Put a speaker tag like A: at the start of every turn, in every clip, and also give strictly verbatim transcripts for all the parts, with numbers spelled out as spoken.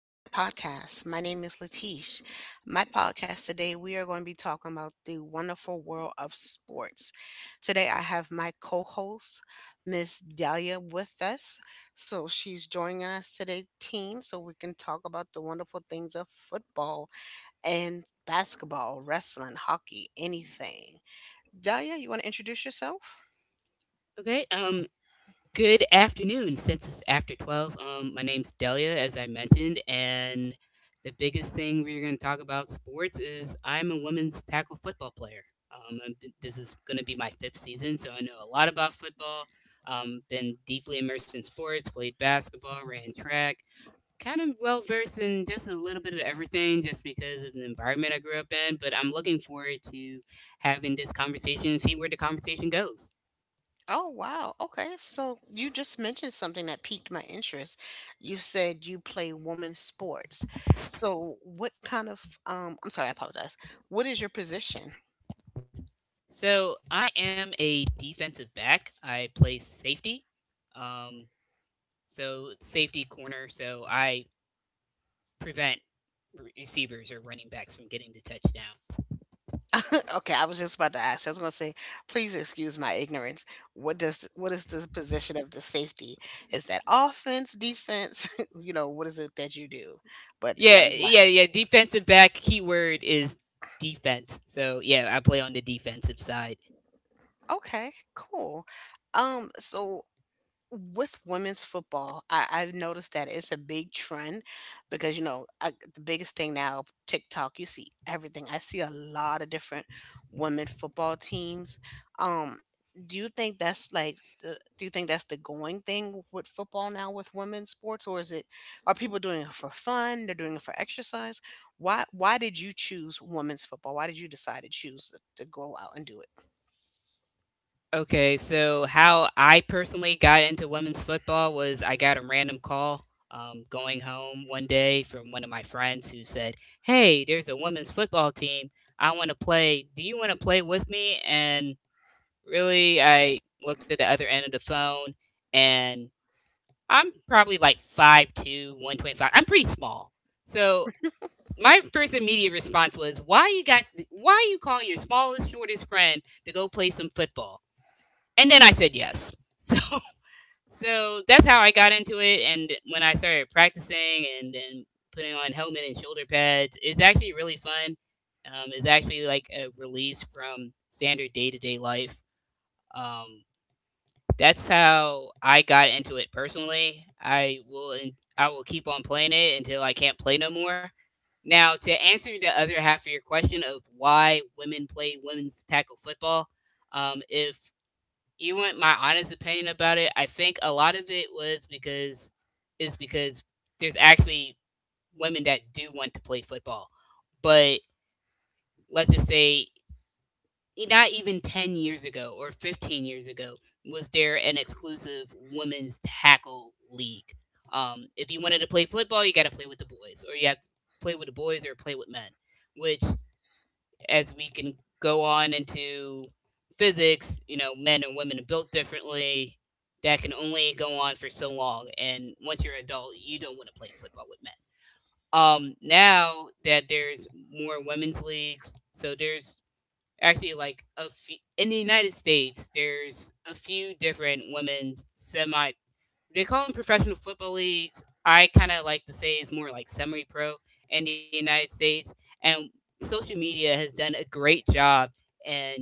A: my podcast. My name is Latish. My podcast today, we are going to be talking about the wonderful world of sports. Today, I have my co host, Miss Dahlia, with us. So she's joining us today, team, so we can talk about the wonderful things of football and basketball, wrestling, hockey, anything. Dahlia, you want to introduce yourself?
B: Okay, um, good afternoon. Since it's after twelve, um, my name's Delia, as I mentioned, and the biggest thing we're going to talk about sports is I'm a women's tackle football player. Um, I'm, this is going to be my fifth season, so I know a lot about football. Um, been deeply immersed in sports, played basketball, ran track, kind of well versed in just a little bit of everything just because of the environment I grew up in. But I'm looking forward to having this conversation see where the conversation goes.
A: Oh, wow. Okay. So you just mentioned something that piqued my interest. You said you play women's sports. So what kind of um I'm sorry, I apologize. What is your position?
B: So I am a defensive back. I play safety. Um, so safety corner. So I prevent re- receivers or running backs from getting the touchdown.
A: Okay, I was just about to ask. I was going to say, please excuse my ignorance. What does what is the position of the safety? Is that offense, defense? You know, what is it that you do? But yeah,
B: Yeah,
A: I'm
B: yeah,
A: glad.
B: yeah. Defensive back keyword is defense. So yeah, I play on the defensive side.
A: Okay, cool. Um, so with women's football, I, I've noticed that it's a big trend because you know I, the biggest thing now, TikTok. You see everything. I see a lot of different women football teams. Um, do you think that's like the? Do you think that's the going thing with football now with women's sports, or is it are people doing it for fun? They're doing it for exercise. Why Why did you choose women's football? Why did you decide to choose to go out and do it?
B: Okay, so how I personally got into women's football was I got a random call um, going home one day from one of my friends who said, "Hey, there's a women's football team. I want to play. Do you want to play with me?" And really, I looked at the other end of the phone and I'm probably like five two, one twenty-five. I'm pretty small. So my first immediate response was, Why you got, why you calling your smallest, shortest friend to go play some football? And then I said yes. So, so that's how I got into it. And when I started practicing and then putting on helmet and shoulder pads, it's actually really fun. Um, it's actually like a release from standard day to day life. Um, that's how I got into it personally. I will I will keep on playing it until I can't play no more. Now, to answer the other half of your question of why women play women's tackle football, um, if you want my honest opinion about it, I think a lot of it was because is because there's actually women that do want to play football. But let's just say e- not even ten years ago or fifteen years ago was there an exclusive women's tackle league. Um, if you wanted to play football, you got to play with the boys or you have to play with the boys or play with men, which as we can go on into physics, you know, men and women are built differently. That can only go on for so long. And once you're an adult, you don't want to play football with men. Um, now that there's more women's leagues, so there's actually like a few in the United States, there's a few different women's semi they call them professional football leagues. I kind of like to say it's more like semi pro in the United States. And social media has done a great job in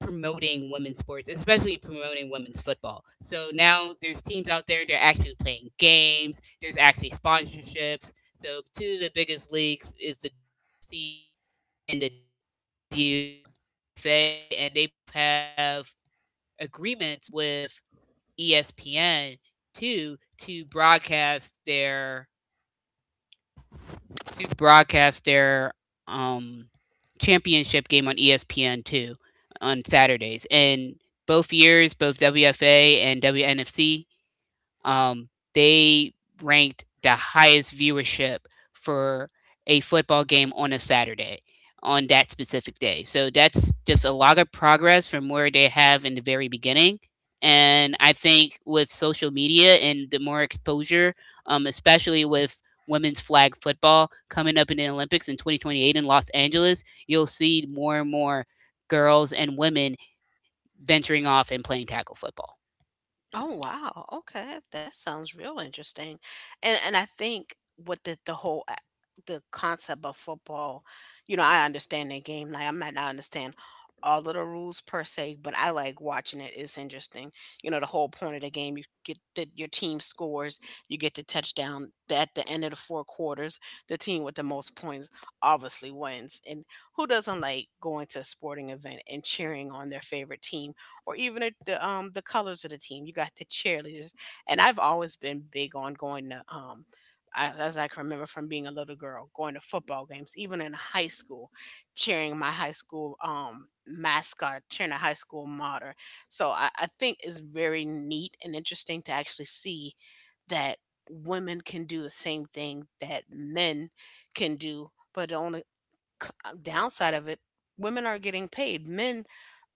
B: promoting women's sports, especially promoting women's football. So now there's teams out there, they're actually playing games, there's actually sponsorships. So two of the biggest leagues is the W N F C and the W F A, and they both have agreements with E S P N two to broadcast their to broadcast their um championship game on E S P N two on Saturdays. And both years, both W F A and W N F C um, they ranked the highest viewership for a football game on a Saturday on that specific day. So that's just a lot of progress from where they have in the very beginning. And I think with social media and the more exposure, um, especially with women's flag football coming up in the Olympics in twenty twenty-eight in Los Angeles, you'll see more and more girls and women venturing off and playing tackle football.
A: Oh wow. Okay. That sounds real interesting. And and I think with the the whole a- the concept of football, you know, I understand the game. Like I might not understand all of the rules per se, but I like watching it. It's interesting. You know, the whole point of the game, you get the, your team scores, you get the touchdown. At the end of the four quarters, the team with the most points obviously wins. And who doesn't like going to a sporting event and cheering on their favorite team, or even at the um the colors of the team? You got the cheerleaders, and I've always been big on going to um. I- As I can remember, from being a little girl, going to football games, even in high school, cheering my high school um, mascot, cheering a high school martyr. So I, I think it's very neat and interesting to actually see that women can do the same thing that men can do, but the only c- uh, downside of it, women are getting paid. Men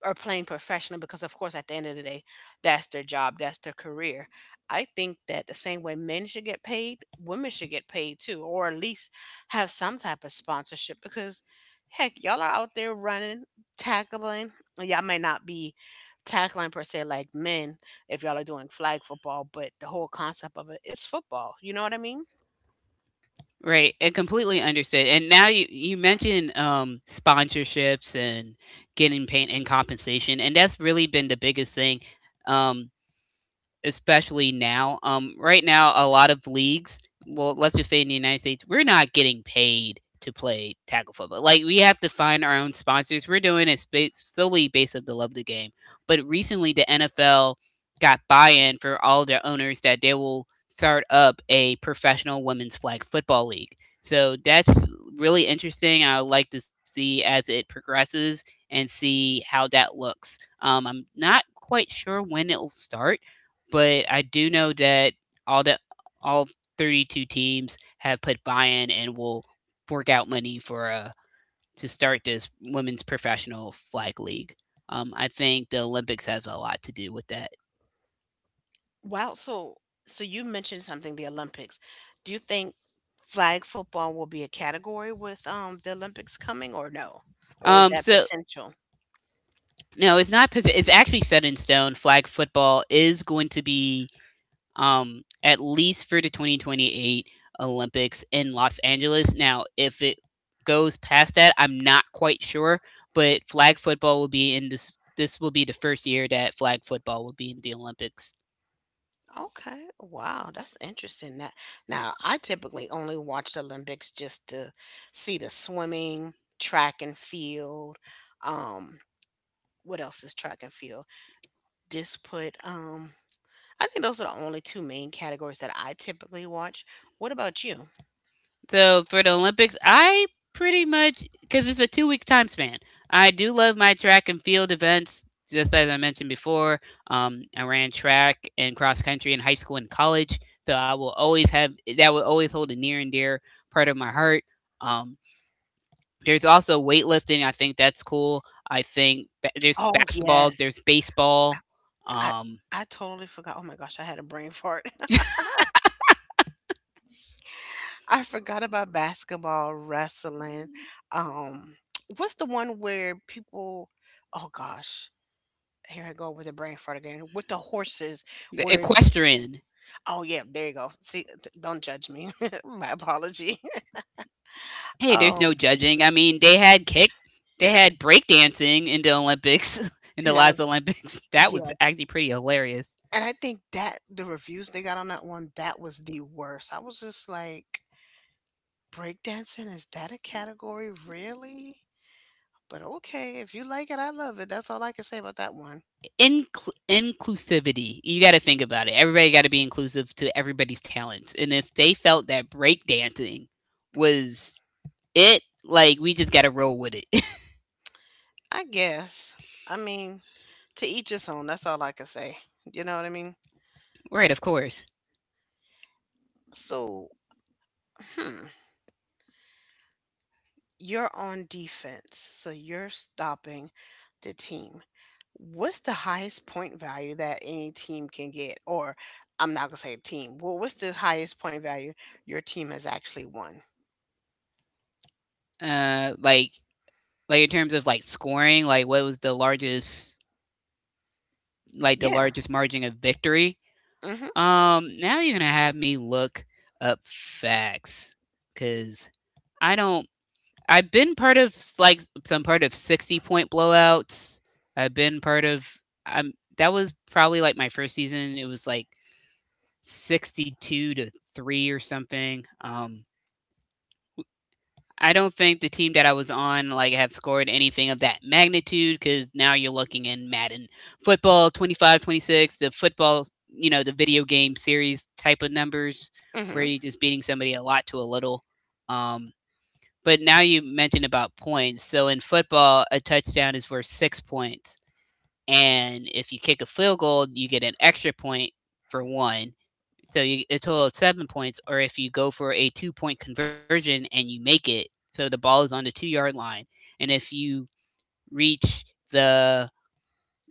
A: or playing professional, because of course at the end of the day that's their job, that's their career. I think that the same way men should get paid, women should get paid too, or at least have some type of sponsorship, because heck, y'all are out there running, tackling. Y'all may not be tackling per se like men if y'all are doing flag football, but the whole concept of it is football, you know what I mean.
B: Right, and completely understood. And now you you mentioned um, sponsorships and getting paid and compensation, and that's really been the biggest thing. Um, Especially now. Um, right now, a lot of leagues, well, let's just say in the United States, we're not getting paid to play tackle football. Like we have to find our own sponsors. We're doing it spa- solely based of the love of the game. But recently, the N F L got buy-in for all their owners that they will start up a professional women's flag football league. So that's really interesting. I would like to see as it progresses and see how that looks. Um, I'm not quite sure when it will start, but I do know that all the all thirty-two teams have put buy-in and will fork out money for uh to start this women's professional flag league. Um, I think the Olympics has a lot to do with that.
A: Wow, so so you mentioned something, the Olympics. Do you think flag football will be a category with um the Olympics coming, or no? Or is
B: Um,
A: that
B: so
A: potential?
B: no, it's not. posi- It's actually set in stone. Flag football is going to be, um, at least for the twenty twenty-eight Olympics in Los Angeles. Now, if it goes past that, I'm not quite sure. But flag football will be in this. This will be the first year that flag football will be in the Olympics.
A: Okay. Wow, that's interesting. That Now I typically only watch the Olympics just to see the swimming, track and field. Um, what else is track and field? Just put um I think those are the only two main categories that I typically watch. What about you?
B: So for the Olympics, I pretty much because it's a two week time span. I do love my track and field events. Just as I mentioned before, um, I ran track and cross country in high school and college, so I will always have that will always hold a near and dear part of my heart. Um, there's also weightlifting. I think that's cool. I think ba- there's
A: Oh
B: basketball. There's
A: yes.
B: baseball.
A: I
B: Um,
A: I totally forgot. Oh my gosh, I had a brain fart. I forgot about basketball, wrestling. Um, what's the one where people? Oh gosh, here I go with a brain fart again. With the horses,
B: the
A: where? th-
B: equestrian.
A: Oh yeah, there you go. See, th- don't judge me. My apology.
B: Hey, there's
A: Um,
B: no judging. I mean, they had kick, they had breakdancing in the Olympics, in the
A: now.
B: last Olympics. That was
A: Yeah,
B: actually pretty hilarious.
A: and I think that the reviews they got on that one, that was the worst. I was just like, breakdancing, is that a category? Really? But okay, if you like it, I love it. That's all I can say about that one.
B: Incl- inclusivity. You got to think about it. Everybody got to be inclusive to everybody's talents. And if they felt that breakdancing was it, like we just got to roll with it.
A: I guess. I mean, to each his own. That's all I can say. You know what I mean?
B: Right, of course.
A: So, hmm, you're on defense. So you're stopping the team. What's the highest point value that any team can get? Or I'm not going to say team. Well, what's the highest point value your team has actually won?
B: Uh, like like in terms of like scoring, like what was the largest like the
A: Yeah.
B: largest margin of victory?
A: Mm-hmm.
B: Um, now you're gonna have me look up facts, cause I don't. I've been part of s- like some part of sixty point blowouts. I've been part of. I'm That was probably like my first season. It was like sixty-two to three or something. Um, I don't think the team that I was on, like, have scored anything of that magnitude because now you're looking in Madden football twenty five twenty six, the football, you know, the video game series type of numbers, where
A: Mm-hmm.
B: you're just beating somebody a lot to a little. Um, but now you mentioned about points, so in football, a touchdown is worth six points, and if you kick a field goal, you get an extra point for one. So you, a total of seven points, or if you go for a two point conversion and you make it, so the ball is on the two yard line, and if you reach the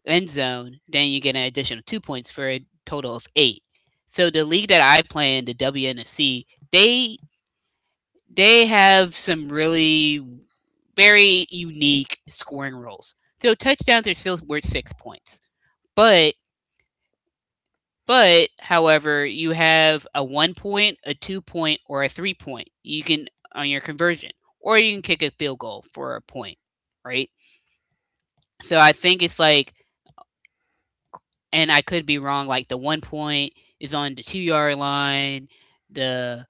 B: end zone, then you get an additional two points for a total of eight. So the league that I play in, the W N F C, they they have some really very unique scoring rules. So touchdowns are still worth six points, but But, however, you have a one point, a two point, or a three point. You can on your conversion, or you can kick a field goal for a point, right? So I think it's like, and I could be wrong. Like the one point is on the two yard line, the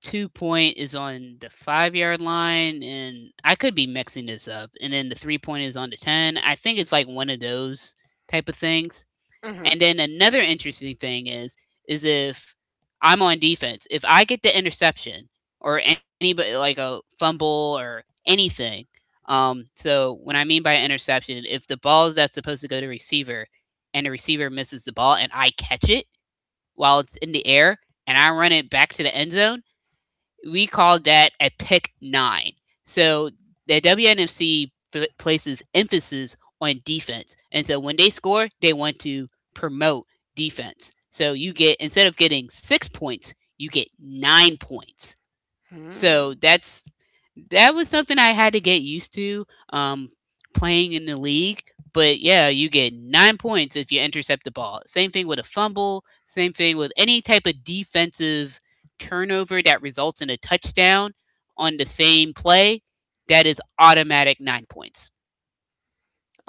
B: two point is on the five yard line, and I could be mixing this up. And then the three point is on the ten. I think it's like one of those type of things.
A: Mm-hmm.
B: And then another interesting thing is is if I'm on defense, if I get the interception or anybody like a fumble or anything. Um, so when I mean by interception, if the ball is that's supposed to go to receiver and the receiver misses the ball and I catch it while it's in the air and I run it back to the end zone, we call that a pick nine. So the W N F C places emphasis on defense, and so when they score, they want to promote defense. So you get instead of getting six points, you get nine points. So
A: Mm-hmm.
B: that's that was something I had to get used to um, playing in the league. But yeah, you get nine points if you intercept the ball. Same thing with a fumble. Same thing with any type of defensive turnover that results in a touchdown on the same play. That is automatic nine points.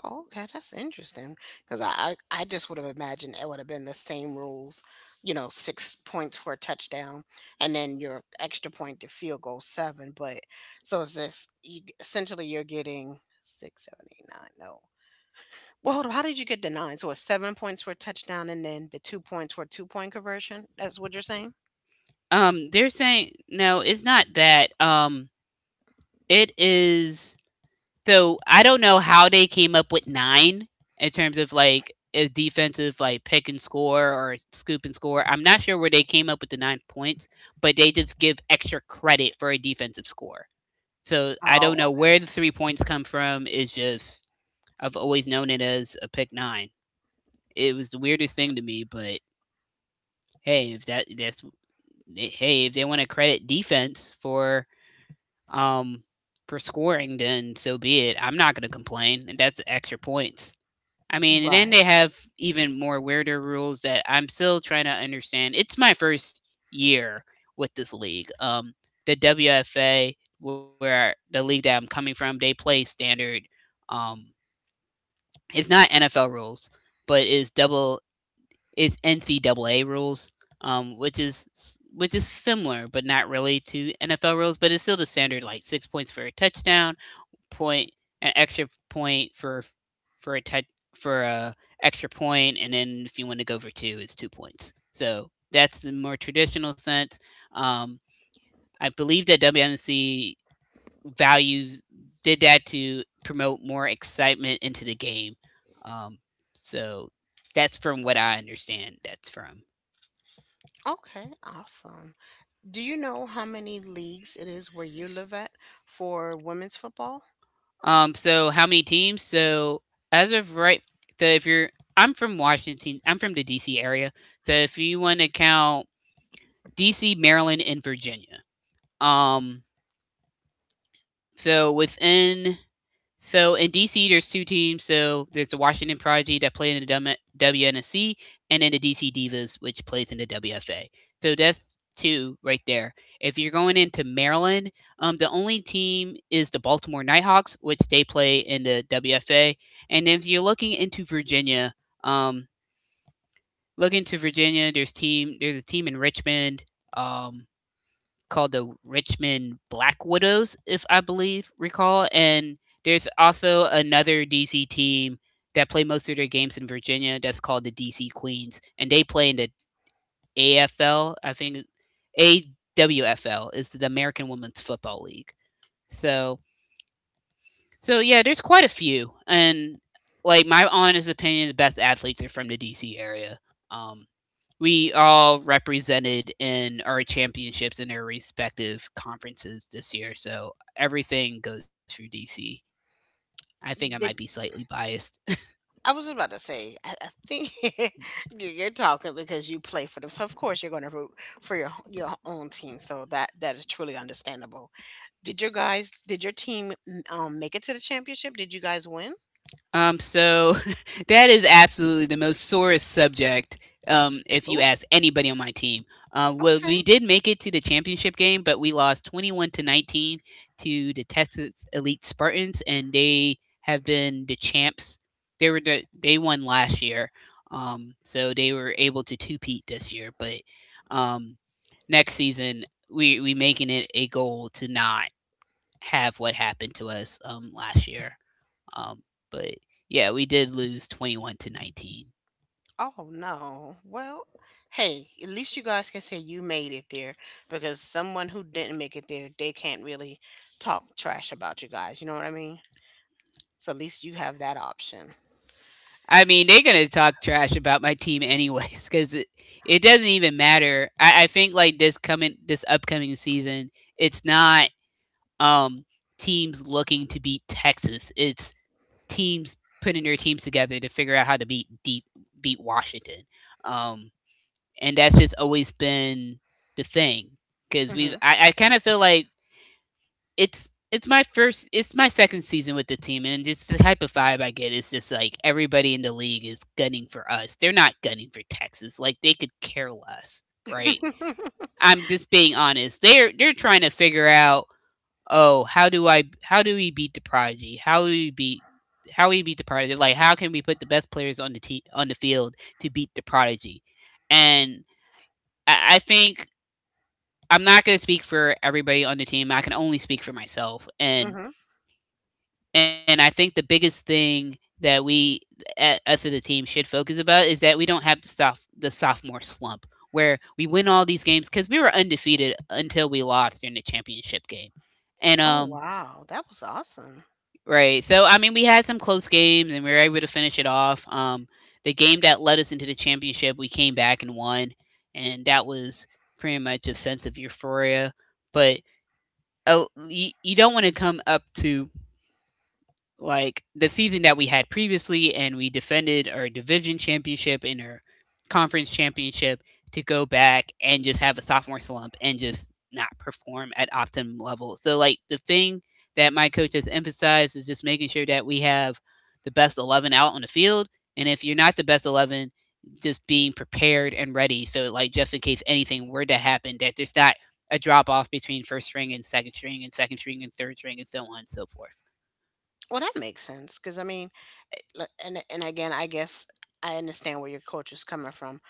A: Oh, okay, that's interesting. Because I, I, I just would have imagined it would have been the same rules, you know, six points for a touchdown, and then your extra point to field goal seven. But so is this? You essentially you're getting six, seven, eight, nine. No, well, hold on, how did you get the nine? So it's seven points for a touchdown, and then the two points for a two point conversion. That's what you're saying.
B: Um, they're saying no, it's not that. Um, it is So I don't know how they came up with nine in terms of like a defensive like pick and score or scoop and score. I'm not sure where they came up with the nine points, but they just give extra credit for a defensive score. So I don't
A: Oh,
B: know
A: okay.
B: where the three points come from. It's just I've always known it as a pick nine. It was the weirdest thing to me, but hey, if that that's hey, if they want to credit defense for um for scoring, then so be it. I'm not going to complain. That's extra points. I mean, and then
A: Right.
B: they have even more weirder rules that I'm still trying to understand. It's my first year with this league. Um, the W F A, where the league that I'm coming from, they play standard. Um, it's not N F L rules, but is double is N C double A rules, um, which is which is similar but not really to N F L rules, but it's still the standard like six points for a touchdown, point, an extra point for for a tou- for a extra point, and then if you want to go for two, it's two points. So that's the more traditional sense. Um, I believe that W M C values did that to promote more excitement into the game. Um, so that's from what I understand. That's from.
A: Okay, awesome. Do you know how many leagues it is where you live at for women's football?
B: Um, so how many teams? So as of right, so if you're, I'm from Washington. I'm from the D C area. So if you want to count D C, Maryland, and Virginia. Um, so within so in D C, there's two teams. So there's the Washington Prodigy that play in the W- WNSC, and then the D C Divas, which plays in the W F A. So that's two right there. If you're going into Maryland, um, the only team is the Baltimore Nighthawks, which they play in the W F A. And if you're looking into Virginia, um, look into Virginia. There's team. There's a team in Richmond. Um, called the Richmond Black Widows, if I believe recall, and there's also another D C team that play most of their games in Virginia that's called the D C Queens, and they play in the A F L. I think A W F L is the American Women's Football League. So, so yeah, there's quite a few, and like my honest opinion, the best athletes are from the D C area. Um, we all represented in our championships in our respective conferences this year. So everything goes through D C. I think I might be
A: Did
B: slightly biased.
A: I was about to say, I, I think you- you're talking because you play for them, so of course you're going to root for your your own team. So that that is truly understandable. Did your guys, did your team mm, um, make it to the championship? Did you guys win?
B: Um, so that is absolutely the most sorest subject. Um, if you
A: Oops.
B: ask anybody on my team, uh, well, we did make it to the championship game, but we lost twenty-one to nineteen to the Texas Elite Spartans, and they have been the champs. They were the, they won last year, um, so they were able to two-peat this year. But um, next season, we we making it a goal to not have what happened to us um, last year. Um, but yeah, we did lose twenty-one to nineteen.
A: Oh no. Well, hey, at least you guys can say you made it there, because someone who didn't make it there, they can't really talk trash about you guys. You know what I mean? So at least you have that option.
B: I mean, they're gonna talk trash about my team anyways, because it, it doesn't even matter. I, I think like this coming this upcoming season, it's not um teams looking to beat Texas. It's teams putting their teams together to figure out how to beat beat, beat Washington. Um, and that's just always been the thing because we've.
A: hmm
B: I, I kind of feel like it's it's my first it's my second season with the team and just the type of vibe I get is just like everybody in the league is gunning for us. They're not gunning for Texas. Like they could care less, right? I'm just being honest. They're they're trying to figure out, oh, how do I how do we beat the Prodigy? How do we beat how we beat the Prodigy? Like how can we put the best players on the te- on the field to beat the Prodigy? And I, I think I'm not going to speak for everybody on the team. I can only speak for myself. And
A: hmm
B: And I think the biggest thing that we a- us as a team should focus about is that we don't have the soft the sophomore slump where we win all these games because we were undefeated until we lost in the championship game. And
A: Oh
B: um
A: wow, that was awesome.
B: right, so I mean we had some close games and we were able to finish it off. Um the game that led us into the championship, we came back and won, and that was pretty much a sense of euphoria. But uh, you, you don't want to come up to like the season that we had previously, and we defended our division championship and our conference championship to go back and just have a sophomore slump and just not perform at optimum level. So, like, the thing that my coach has emphasized is just making sure that we have the best eleven out on the field. And if you're not the best eleven, just being prepared and ready. So, like, just in case anything were to happen, that there's not a drop off between first string and second string and second string and third string and so on and so forth.
A: Well, that makes sense because I mean, it- like, and and again, I guess I understand where your coach is coming from.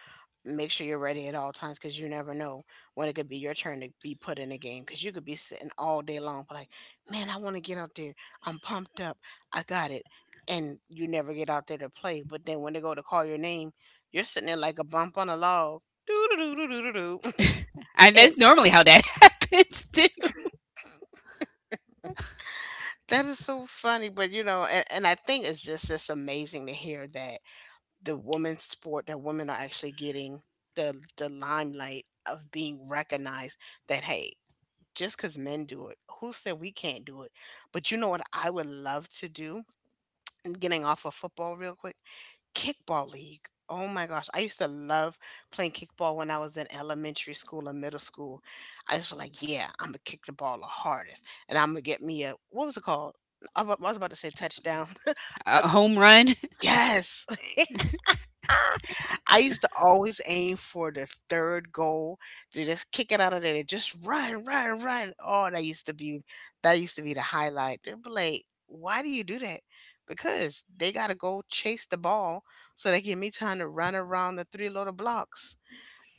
A: Make sure you're ready at all times, because you never know when it could be your turn to be put in a game. Because you could be sitting all day long, but like, man, I want to get out there, I'm pumped up, I got it. And you never get out there to play, but then when they go to call your name, you're sitting there like a bump on a log, doo doo doo doo doo doo.
B: And
A: And
B: that's normally how that happens too.
A: that is so funny. But you know, and, and I think it's just just amazing to hear that the women's sport, that women are actually getting the the limelight of being recognized, that hey, just because men do it, who said we can't do it? But you know what I would love to do? And getting off of football real quick, kickball league. Oh my gosh, I used to love playing kickball when I was in elementary school and middle school. I just was like, yeah, I'm gonna kick the ball the hardest, and I'm gonna get me a, what was it called? I wa- I was about to say touchdown. Uh,
B: A home run.
A: yes, I used to always aim for the third goal to just kick it out of there, to just run, run, run. Oh, that used to be that used to be the highlight. They'd be like, why do you do that? Because they gotta go chase the ball, so they give me time to run around the three little blocks.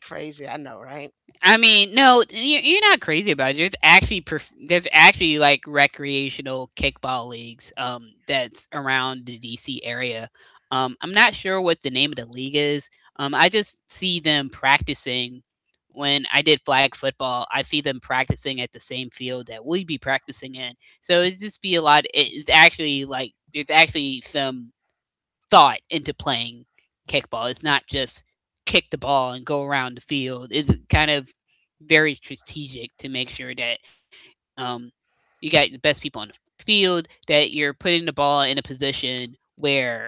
A: Crazy, I know, right?
B: I mean, no, you- you're not crazy about it. There's actually prof- there's actually like recreational kickball leagues um that's around the D C area. Um, I'm not sure what the name of the league is. Um, I just see them practicing. When I did flag football, I see them practicing at the same field that we be practicing in. So it's just be a lot. It's actually like there's actually some thought into playing kickball. It's not just kick the ball and go around the field. It's kind of very strategic to make sure that um, you got the best people on the field, that you're putting the ball in a position where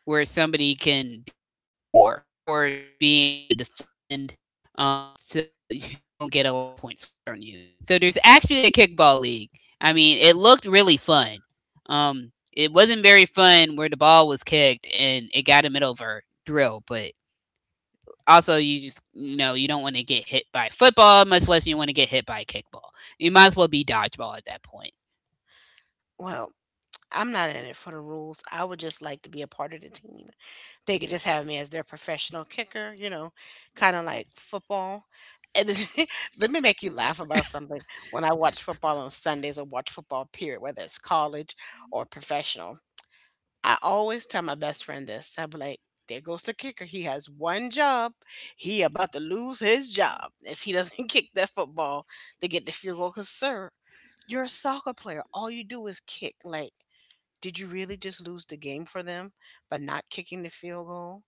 B: where somebody can be able to score or being able to defend, um, so you don't get a lot of points scored on you. So there's actually a kickball league. I mean, it looked really fun. Um, it wasn't very fun where the ball was kicked and it got a middle of a drill, but also you just you know you don't want to get hit by football much less you want to get hit by a kickball. You might as well be dodgeball at that point.
A: Well, I'm not in it for the rules. I would just like to be a part of the team. They could just have me as their professional kicker, you know, kind of like football. And let me make you laugh about something. When I watch football on Sundays, or watch football, period, whether it's college or professional, I always tell my best friend this. I'll be like, there goes the kicker. He has one job. He about to lose his job if he doesn't kick that football to get the field goal. Because, sir, you're a soccer player. All you do is kick. Like, did you really just lose the game for them by not kicking the field goal?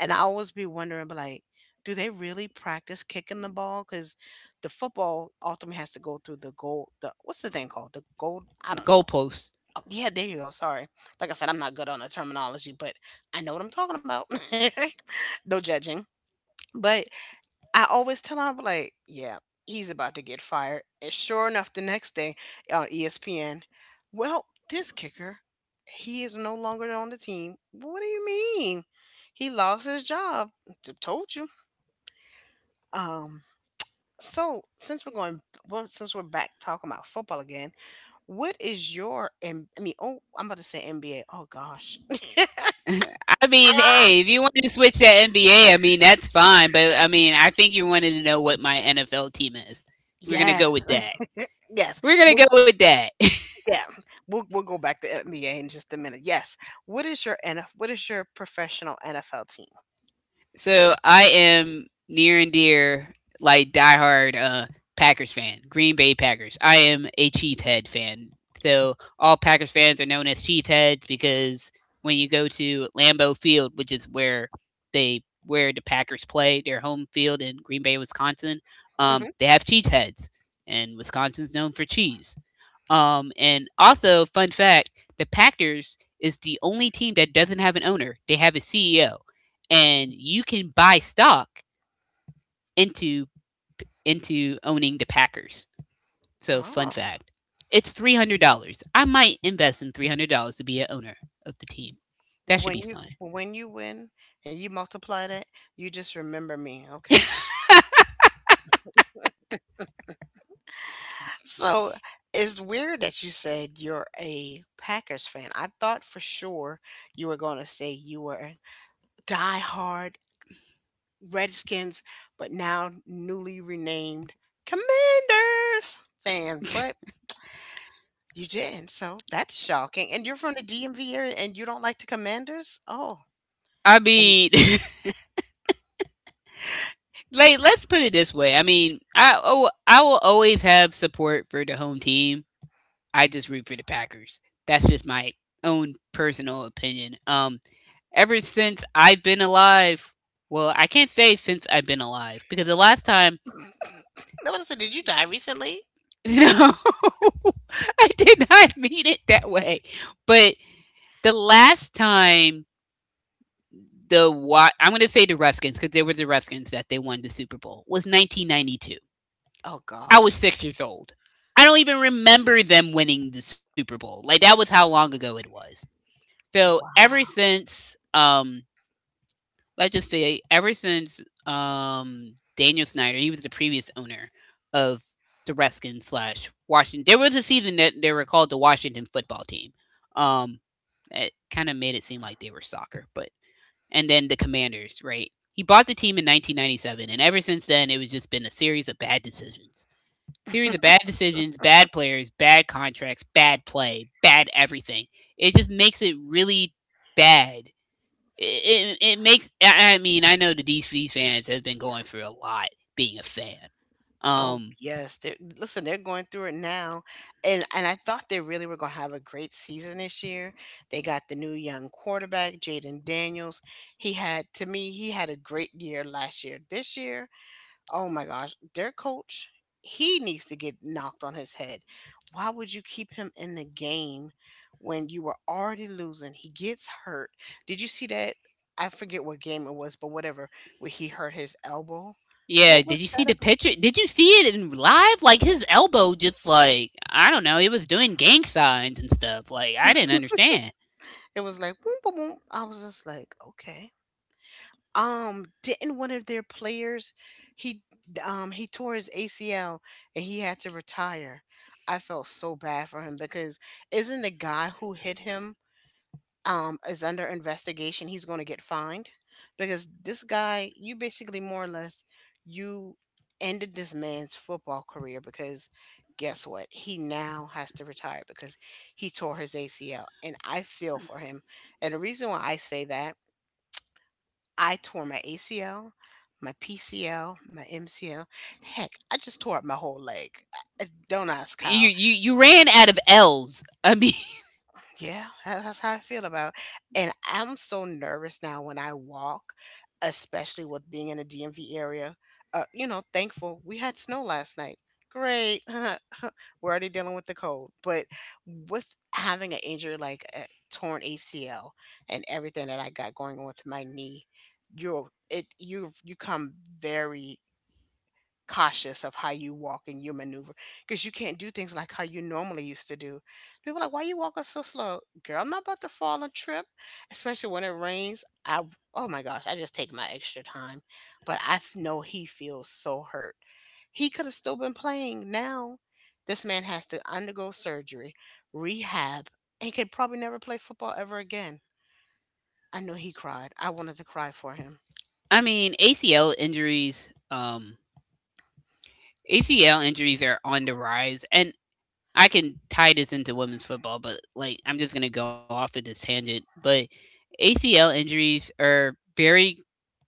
A: And I always be wondering, but like, do they really practice kicking the ball? Because the football ultimately has to go through the goal. The, what's the thing called? The goal.
B: The
A: I don't know.
B: goalposts.
A: Oh, yeah, there you go. Sorry. Like I said, I'm not good on the terminology, but I know what I'm talking about. No judging. But I always tell 'em, I'm like, "Yeah, he's about to get fired." And sure enough, the next day on E S P N, well, this kicker, he is no longer on the team. What do you mean? He lost his job. T- Told you. Um. So since we're going, well, since we're back talking about football again, what is your? M- I mean, oh, I'm about to say N B A. Oh gosh.
B: I mean, hey, if you want to switch to N B A, I mean that's fine. But I mean, I think you wanted to know what my N F L team is. We're gonna go
A: Yes.
B: with that.
A: Yes.
B: We're gonna
A: We're
B: go with that.
A: Yeah, we'll we'll go back to N B A in just a minute. Yes. What is your N F what is your professional N F L team?
B: So I am near and dear, like diehard uh, Packers fan, Green Bay Packers. I am a cheesehead fan. So all Packers fans are known as cheeseheads because when you go to Lambeau Field, which is where they where the Packers play, their home field in Green Bay, Wisconsin, um,
A: Mhm.
B: they have cheeseheads, and Wisconsin's known for cheese. Um, and also, fun fact: the Packers is the only team that doesn't have an owner; they have a C E O, and you can buy stock into into owning the Packers. So, fun
A: Oh.
B: fact: it's three hundred dollars. I might invest in three hundred dollars to be an owner of the team. That
A: Well,
B: should be
A: when you
B: fun.
A: well, when you win and you multiply that, you just remember me, okay? So it's weird that you said you're a Packers fan. I thought for sure you were going to say you were diehard Redskins, but now newly renamed Commanders fan. But You didn't, so that's shocking, and you're from the D M V area and you don't like the Commanders? Oh,
B: I
A: and
B: mean, like let's put it this way. I mean, I oh, I will always have support for the home team. I just root for the Packers. That's just my own personal opinion. Um, ever since I've been alive. Well, I can't say since I've been alive because the last time,
A: I wanna say, did you die recently?
B: no, I did not mean it that way. But the last time the Wa- I'm going to say the Redskins because they were the Redskins that they won the Super Bowl was nineteen ninety-two.
A: Oh
B: I was
A: gosh.
B: six years old. I don't even remember them winning the Super Bowl. Like that was how long ago it was. So ever
A: Wow.
B: since um let's just say ever since um Daniel Snyder, he was the previous owner of the Redskins slash Washington. There was a season that they were called the Washington football team. Um, it kind of made it seem like they were soccer, but and then the Commanders, right? He bought the team in nineteen ninety-seven, and ever since then, it was just been a series of bad decisions. Series of bad decisions, bad players, bad contracts, bad play, bad everything. It just makes it really bad it, it, it makes I I mean I know the D C fans have been going through a lot being a fan.
A: Oh,
B: Um
A: yes, they're listen, they're going through it now, and and I thought they really were gonna have a great season this year. They got the new young quarterback, Jaden Daniels. He had To me, he had a great year last year. This year, oh my gosh, their coach, he needs to get knocked on his head. Why would you keep him in the game when you were already losing? He gets hurt. Did you see that? I forget what game it was, but whatever, where he hurt his elbow.
B: yeah,
A: What was
B: did you see
A: that
B: the
A: about?
B: picture? Did you see it in live? Like his elbow just like I don't know, it was doing gang signs and stuff. Like I didn't understand.
A: It was like boom, boom, boom. I was just like, okay. Um, didn't one of their players, he um he tore his A C L and he had to retire. I felt so bad for him because isn't the guy who hit him, um, is under investigation, he's going to get fined because this guy, you basically more or less, you ended this man's football career because guess what? He now has to retire because he tore his A C L. And I feel for him. And the reason why I say that, I tore my A C L, my P C L, my M C L. Heck, I just tore up my whole leg. Uh, Don't ask
B: You
A: how.
B: you you ran out of L's. I mean
A: Yeah, tha- that's how I feel about it. And I'm so nervous now when I walk, especially with being in a D M V area. Uh, you know, thankful we had snow last night. Great. We're already dealing with the cold. But with having an injury like a torn A C L and everything that I got going on with my knee, you're it you you come very cautious of how you walk and you maneuver because you can't do things like how you normally used to do. People are like, why you walking so slow? Girl, I'm not about to fall and trip, especially when it rains. I Oh my gosh, I just take my extra time. But I f- know he feels so hurt. He could have still been playing now. This man has to undergo surgery, rehab, and could probably never play football ever again. I know he cried. I wanted to cry for him.
B: I mean A C L injuries um A C L injuries are on the rise and I can tie this into women's football, but like I'm just gonna go off at this tangent. But A C L injuries are very.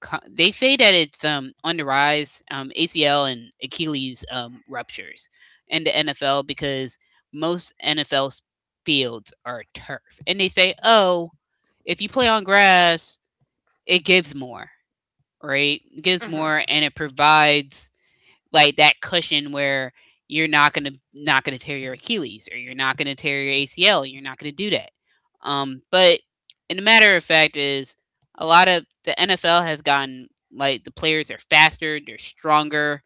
B: co- They say that it's um on the rise. Um, A C L and Achilles um ruptures in the N F L because most N F L fields are turf, and they say, oh, if you play on grass, it gives more, right? It gives
A: Hmm
B: more, and it provides like that cushion where you're not gonna not gonna tear your Achilles, or you're not gonna tear your A C L. You're not gonna do that. Um, but in a matter of fact, is a lot of the N F L has gotten like the players are faster, they're stronger,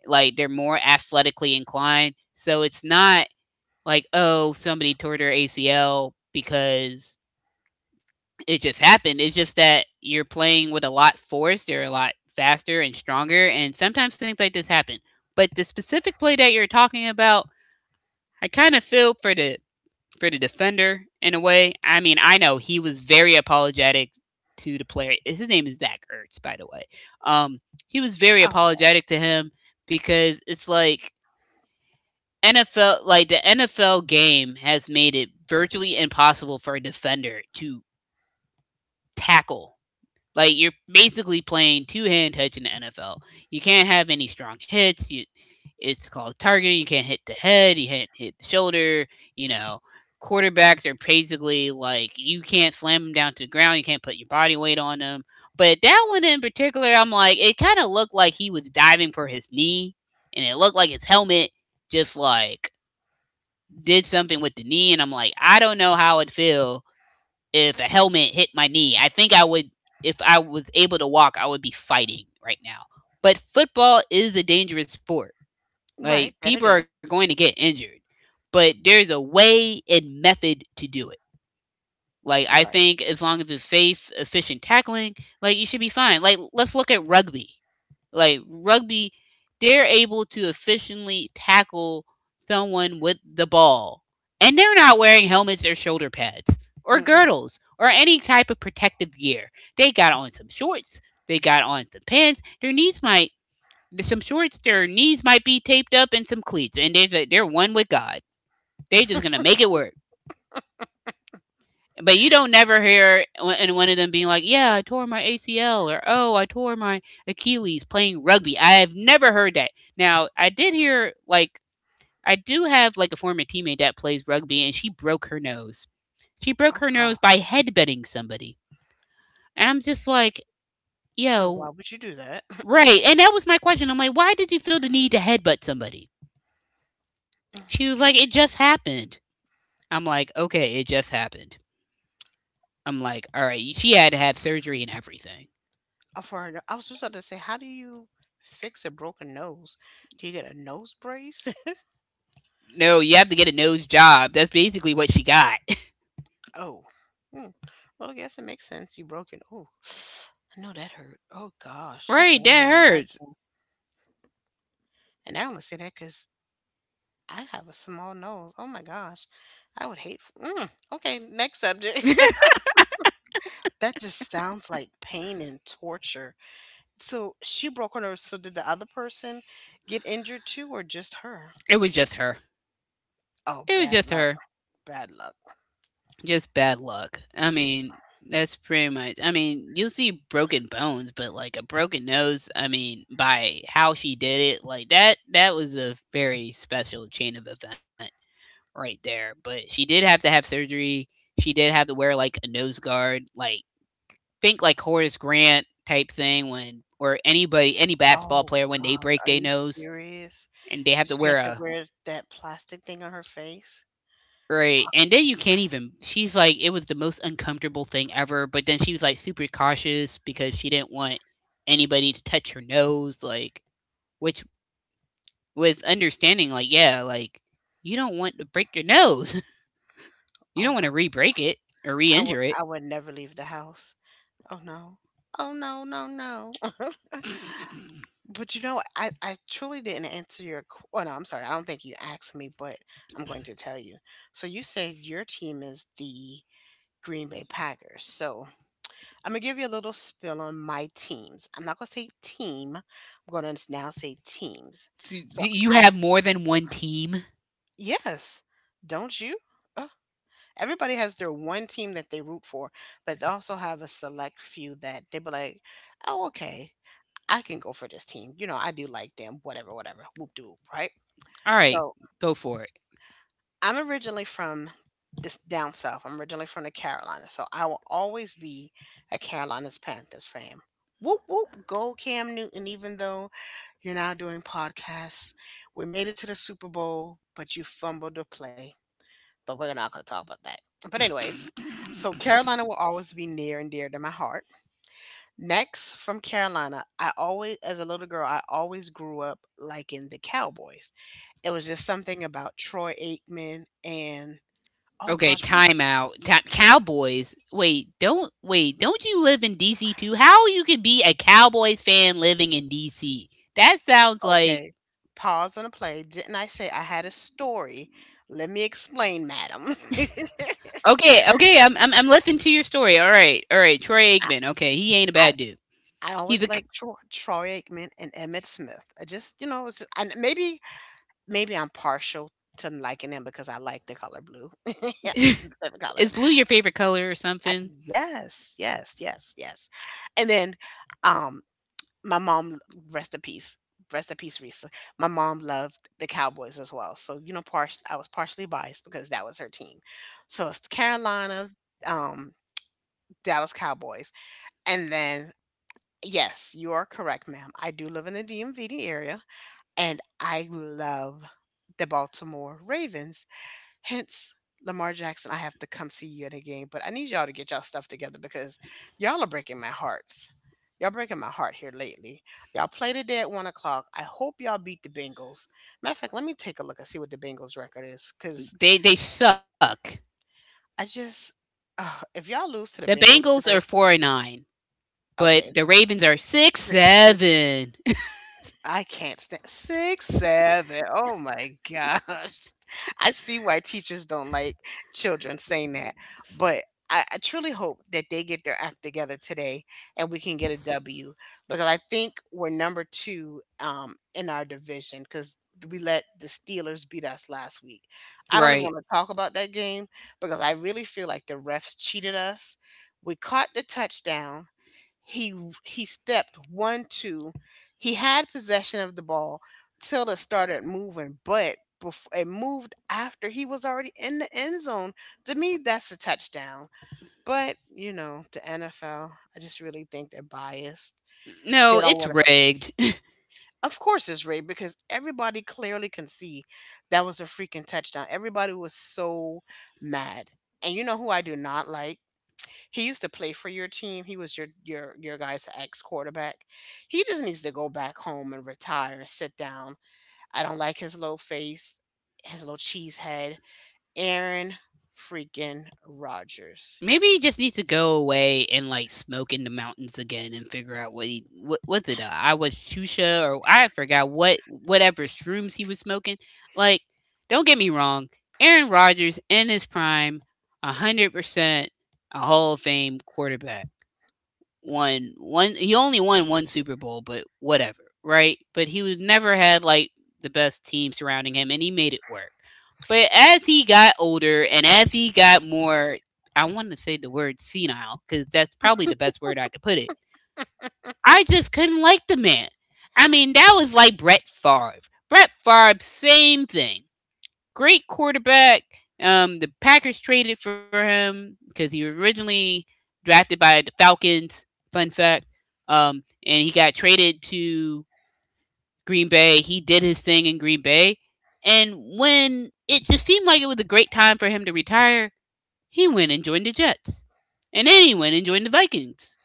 B: like they're more athletically inclined. So it's not like oh somebody tore their A C L because it just happened. It's just that you're playing with a lot force. They're a lot faster and stronger, and sometimes things like this happen. But the specific play that you're talking about, I kind of feel for the for the defender in a way. I mean, I know he was very apologetic to the player. His name is Zach Ertz, by the way. Um, he was very
A: Oh,
B: apologetic to him because it's like N F L, like the N F L game has made it virtually impossible for a defender to tackle. Like you're basically playing two hand touch in the N F L. You can't have any strong hits. You, it's called targeting. You can't hit the head. You can't hit the shoulder. You know, quarterbacks are basically like you can't slam them down to the ground. You can't put your body weight on them. But that one in particular, I'm like, it kind of looked like he was diving for his knee, and it looked like his helmet just like did something with the knee. And I'm like, I don't know how it feel if a helmet hit my knee. I think I would, if I was able to walk, I would be fighting right now. But football is a dangerous sport. Like,
A: right. That
B: people
A: it
B: are
A: is.
B: going to get injured, but there's a way and method to do it. Like, I
A: Right.
B: think as long as it's safe, efficient tackling, like, you should be fine. Like, let's look at rugby. Like rugby, they're able to efficiently tackle someone with the ball. And they're not wearing helmets or shoulder pads or
A: Mm-mm.
B: girdles or any type of protective gear. They got on some shorts, they got on some pants, their knees might some shorts, their knees might be taped up and some cleats, and there's a they're one with God. They just gonna make it work. But you don't never hear one- and one of them being like, "Yeah, I tore my A C L," or "Oh, I tore my Achilles playing rugby." I have never heard that. Now, I did hear like I do have like a former teammate that plays rugby, and she broke her nose. She broke
A: Oh,
B: her
A: God.
B: nose by headbutting somebody, and I'm just like,
A: So
B: "Yo,
A: why would you do that?
B: right?" And that was my question. I'm like, "Why did you feel the need to headbutt somebody?" She was like, "It
A: Okay.
B: just happened." I'm like, "Okay, it just happened." I'm like, "All right, she had to have surgery and everything."
A: Uh, For an, I was just about to say, how do you fix a broken nose? Do you get a nose brace?
B: No, you have to get a nose job. That's basically what she got.
A: Oh. Hmm. Well, I guess it makes sense. You broke your oh, I know that hurt. Oh gosh, I can
B: Right, that
A: only
B: hurts.
A: imagine. And I only say that because I have a small nose. Oh my gosh, I would hate. F- Mm. Okay, next subject. That just sounds like pain and torture. So she broke her nose. So did the other person get injured too, or just her?
B: It was just her.
A: Oh,
B: It was
A: bad
B: just
A: luck.
B: her.
A: Bad luck.
B: Just bad luck. I mean, that's pretty much. I mean, you'll see broken bones, but like a broken nose. I mean, by how she did it, like that. That was a very special chain of event right there. But she did have to have surgery. She did have to wear like a nose guard. Like think like Horace Grant type thing when or anybody any basketball
A: Oh
B: player when they
A: gosh, are
B: break
A: you
B: their nose
A: serious?
B: and they have
A: Did
B: to
A: she
B: wear
A: have to
B: a
A: wear that plastic thing on her face?
B: right. And then you can't even. She's like, it was the most uncomfortable thing ever. But then she was like super cautious because she didn't want anybody to touch her nose, like, which was understanding. Like, yeah, like you don't want to break your nose. You don't
A: Oh
B: want
A: wow.
B: to re-break it or
A: I would
B: re-injure it.
A: I would never leave the house. Oh no. Oh no, no, no. But you know, I, I truly didn't answer your. qu- Oh no, I'm sorry. I don't think you asked me, but I'm going to tell you. So you said your team is the Green Bay Packers. So I'm gonna give you a little spill on my teams. I'm not gonna say team. I'm gonna now say teams.
B: So
A: So
B: you
A: I
B: have more than one team.
A: Yes, don't you? Ugh. Everybody has their one team that they root for, but they also have a select few that they be like, "Oh, okay, I can go for this team. You know, I do like them. Whatever, whatever. Whoop doo, right?"
B: All right,
A: So
B: go for
A: I'm originally from this down south. I'm originally from the Carolinas, so I will always be a Carolinas Panthers fan. Whoop whoop, go Cam Newton! Even though you're now doing podcasts, we made it to the Super Bowl, but you fumbled the play. But we're not going to talk about that. But anyways, so
B: it.
A: Carolina will always be near and dear to my heart. Next, from Carolina, I always, as a little girl, I always grew up liking the Cowboys. It was just something about Troy Aikman and, oh
B: Okay,
A: gosh, what?
B: timeout. Ti- Cowboys. Wait, don't wait. Don't you live in D C too? How you could be a Cowboys fan living in D C? That sounds like
A: Okay. Pause on the play. Didn't I say I had a story? Let me explain, madam.
B: okay. Okay, I'm I'm, I'm listening to your story. All right, all right. Troy Aikman.
A: I,
B: Okay, he ain't a bad
A: I
B: dude.
A: I
B: He's a.
A: always liked Troy, Troy Aikman and Emmett Smith. I just, you know, it was just, and maybe maybe I'm partial to liking him because I like the color blue. The
B: c-
A: favorite color.
B: Is blue your favorite color or
A: I,
B: something?
A: yes, yes, yes, yes. And then um my mom, rest in peace. Rest in peace, Risa. My mom loved the Cowboys as well. So, you know, partial I was partially biased because that was her team. So it's Carolina, um, Dallas Cowboys. And then yes, you are correct, ma'am. I do live in the D M V area and I love the Baltimore Ravens. Hence, Lamar Jackson, I have to come see you at a game, but I need y'all to get y'all stuff together because y'all are breaking my hearts. Y'all breaking my heart here lately. Y'all play today at one o'clock. I hope y'all beat the Bengals. Matter of fact, let me take a look and see what the Bengals record is, because
B: They they suck.
A: I just, uh, if y'all lose to
B: The
A: the Bengals
B: Bengals are
A: today,
B: four and nine, but
A: okay,
B: the Ravens are six
A: it's, ex-
B: seven.
A: I can't stand six, seven. Oh my gosh. I see why teachers don't like children saying that, but I, I truly hope that they get their act together today and we can get a W because I think we're number two, um, in our division because we let the Steelers beat us last week. I don't even
B: Right.
A: want to talk about that game because I really feel like the refs cheated us. We caught the touchdown, he he stepped one two. He had possession of the ball till it started moving, but before it moved after he was already in the end zone. To me, that's a touchdown. But, you know, the N F L, I just really think they're biased. They
B: No,
A: don't
B: it's
A: wanna
B: rigged.
A: Of course it's rigged because everybody clearly can see that was a freaking touchdown. Everybody was so mad. And you know who I do not like? He used to play for your team. He was your your your guy's ex quarterback. He just needs to go back home and retire and sit down. I don't like his little face, his little cheese head. Aaron freaking Rodgers.
B: Maybe he just needs to go away and like smoke in the mountains again and figure out what he what was it uh, I was Shusha or I forgot what whatever shrooms he was smoking. Like, don't get me wrong, Aaron Rodgers in his prime, a hundred percent a Hall of Fame quarterback won one. He only won one Super Bowl, but whatever, right? But he was never had like the best team surrounding him, and he made it work. But as he got older and as he got more, I want to say the word senile because that's probably the best word I could put it. I just couldn't like the man. I mean, that was like Brett Favre. Brett Favre, same thing great quarterback. Um, the Packers traded for him because he was originally drafted by the Falcons. Fun fact. Um, and he got traded to Green Bay. He did his thing in Green Bay, and when it just seemed like it was a great time for him to retire, he went and joined the Jets, and then he went and joined the Vikings,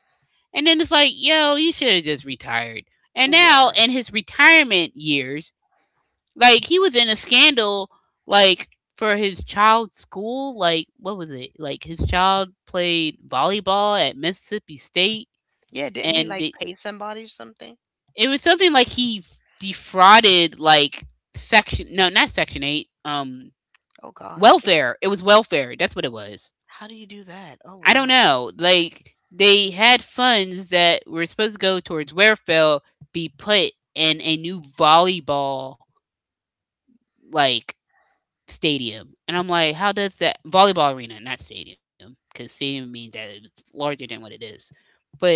B: and then it's like, yo, you should have just retired. And now
A: Yeah.
B: in his retirement years, like he was in a scandal, like for his child's school. Like what was it? Like his child played volleyball at Mississippi State,
A: Yeah, didn't he
B: and
A: like
B: it,
A: pay somebody or something?
B: it was something like he defrauded like section no not section eight um
A: Oh gosh.
B: welfare it was welfare that's what it was.
A: How do you do that? Oh
B: I don't
A: wow.
B: know, like they had funds that were supposed to go towards welfare be put in a new volleyball like stadium. And I'm like, how does that volleyball arena, not stadium, because stadium means that it's larger than what it is. But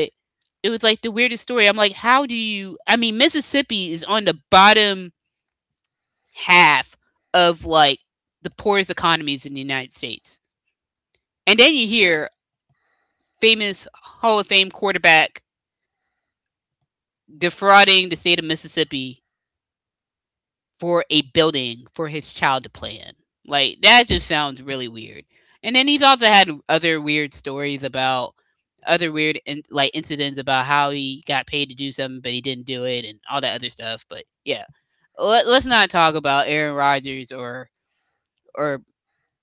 B: it was like the weirdest story. I'm like, how do you? I mean, Mississippi is on the bottom half of like the poorest economies in the United States. And then you hear famous Hall of Fame quarterback defrauding the state of Mississippi for a building for his child to play in. Like that just sounds really weird. And then he's also had other weird stories about other weird in, like incidents about how he got paid to do something but he didn't do it and all that other stuff. But yeah, let, let's not talk about Aaron Rodgers or or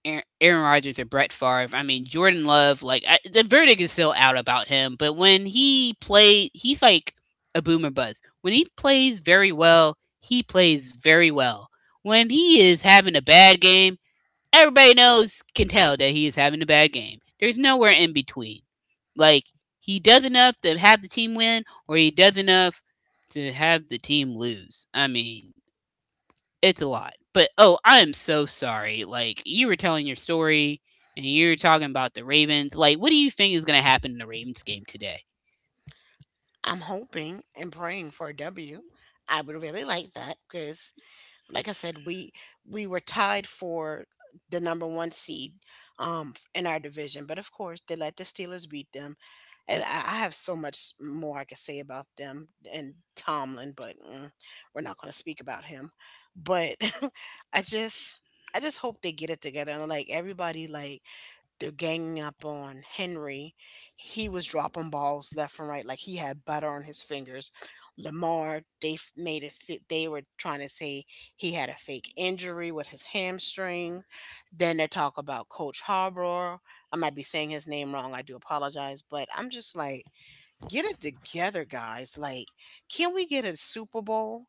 B: Aaron, Aaron Rodgers or Brett Favre. I mean, Jordan Love, like, I, the verdict is still out about him, but when he played, he's like a boomer buzz. When he plays very well, he plays very well. When he is having a bad game, everybody knows, can tell that he is having a bad game. There's nowhere in between. Like, he does enough to have the team win, or he does enough to have the team lose. I mean, it's a lot. But oh, I am so sorry. Like you were telling your story and you were talking about the Ravens. Like, what do you think is going to happen in the Ravens game today?
A: I'm hoping and praying for a W. I would really like that because like I said, we we were tied for the number one seed, um, in our division, but of course they let the Steelers beat them. And I, I have so much more I could say about them and Tomlin, but mm, we're not going to speak about him. But I just I just hope they get it together and like everybody like they're ganging up on Henry. He was dropping balls left and right, like he had butter on his fingers. Lamar, they f- made it fit. They were trying to say he had a fake injury with his hamstring. Then they talk about Coach Harbaugh. I might be saying his name wrong. I do apologize, but I'm just like, get it together, guys. Like, can we get a Super Bowl?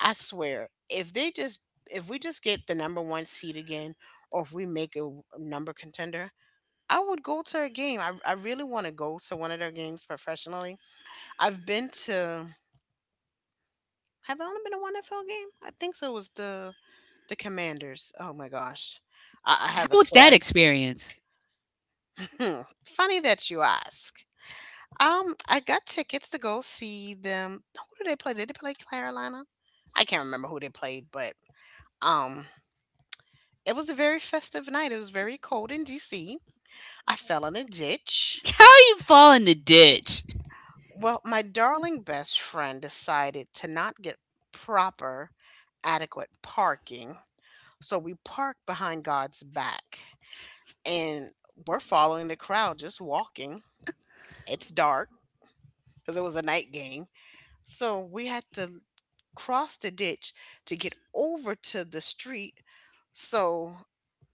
A: I swear, if they just if we just get the number one seed again, or if we make a number contender, I would go to a game. I I really want to go to one of their games professionally. I've been to Have I only been to one N F L game? I think so. It was the the Commanders. Oh my gosh. I, I
B: How
A: have a
B: was that
A: story.
B: experience?
A: Funny that you ask. Um, I got tickets to go see them. Who did they play? Did they play Carolina? I can't remember who they played, but um, it was a very festive night. It was very cold in D C. I fell in a ditch.
B: How you fall in the ditch?
A: Well, my darling best friend decided to not get proper, adequate parking. So we parked behind God's back and we're following the crowd, just walking. It's dark because it was a night game. So we had to cross the ditch to get over to the street. So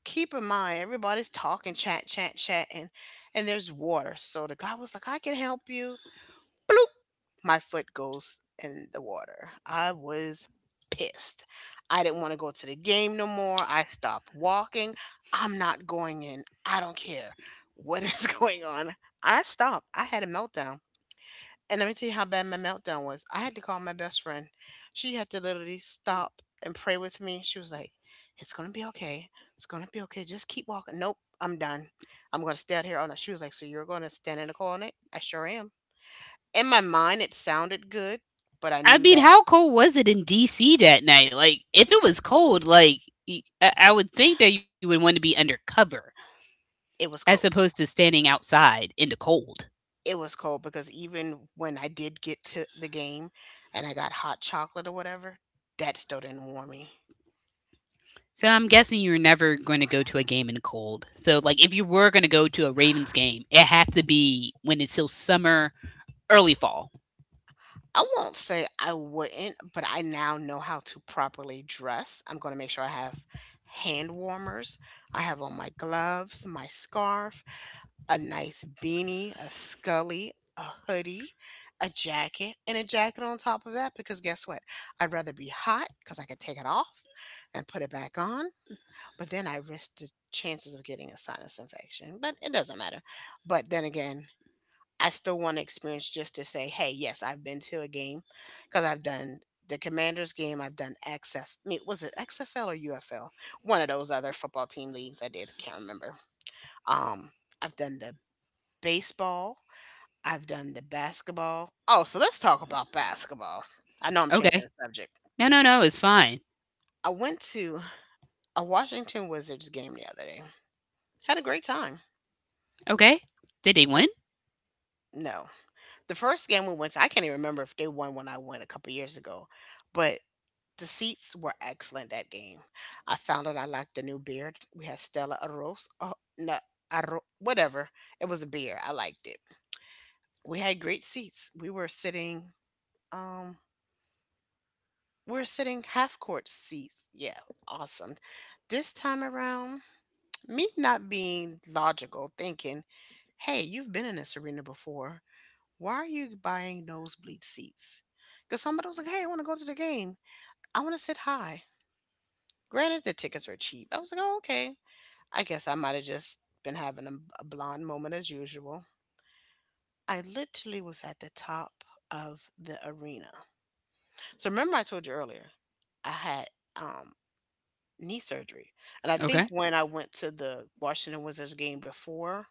A: keep in mind, everybody's talking, chat, chat, chat, and, and there's water. So the guy was like, I can help you. Bloop. My foot goes in the water. I was pissed. I didn't want to go to the game no more. I stopped walking. I'm not going in. I don't care what is going on. I stopped. I had a meltdown. And let me tell you how bad my meltdown was. I had to call my best friend. She had to literally stop and pray with me. She was like, "It's going to be okay. It's going to be okay. Just keep walking." Nope, I'm done. I'm going to stay out here all night. She was like, "So you're going to stand in the corner?" I sure am. In my mind, it sounded good, but I
B: I
A: knew
B: mean,
A: that
B: how cold was it in D C that night? Like, if it was cold, like y- I I would think that you would want to be undercover
A: it was
B: as
A: cold.
B: opposed to standing outside in the cold.
A: It was cold because even when I did get to the game and I got hot chocolate or whatever, that still didn't warm me.
B: So I'm guessing you're never going to go to a game in the cold. So like if you were going to go to a Ravens game, it had to be when it's still summer, early fall.
A: I won't say I wouldn't, but I now know how to properly dress. I'm going to make sure I have hand warmers. I have on my gloves, my scarf, a nice beanie, a scully, a hoodie, a jacket, and a jacket on top of that because guess what? I'd rather be hot because I can take it off and put it back on, but then I risk the chances of getting a sinus infection. But it doesn't matter. But then again, I still want to experience just to say, hey, yes, I've been to a game because I've done the Commanders game. I've done X F. I mean, was it X F L or U F L? One of those other football team leagues. I did. Can't remember. Um, I've done the baseball. I've done the basketball. Oh, so let's talk about basketball. I know I'm changing
B: Okay.
A: the subject.
B: No, no, no, it's fine.
A: I went to a Washington Wizards game the other day. Had a great time.
B: Okay. Did they win?
A: No, the first game we went to, I can't even remember if they won when I went a couple years ago, but the seats were excellent that game. I found out I liked the new beer. We had Stella Artois. Oh, no, Arro, whatever. It was a beer. I liked it. We had great seats. We were sitting, um, we were sitting half court seats. Yeah, awesome. This time around, me not being logical, thinking, hey, you've been in this arena before. Why are you buying nosebleed seats? Because somebody was like, hey, I want to go to the game. I want to sit high. Granted, the tickets were cheap. I was like, oh, okay. I guess I might have just been having a, a blonde moment as usual. I literally was at the top of the arena. So remember I told you earlier, I had um knee surgery. And I
B: Okay.
A: think when I went to the Washington Wizards game before,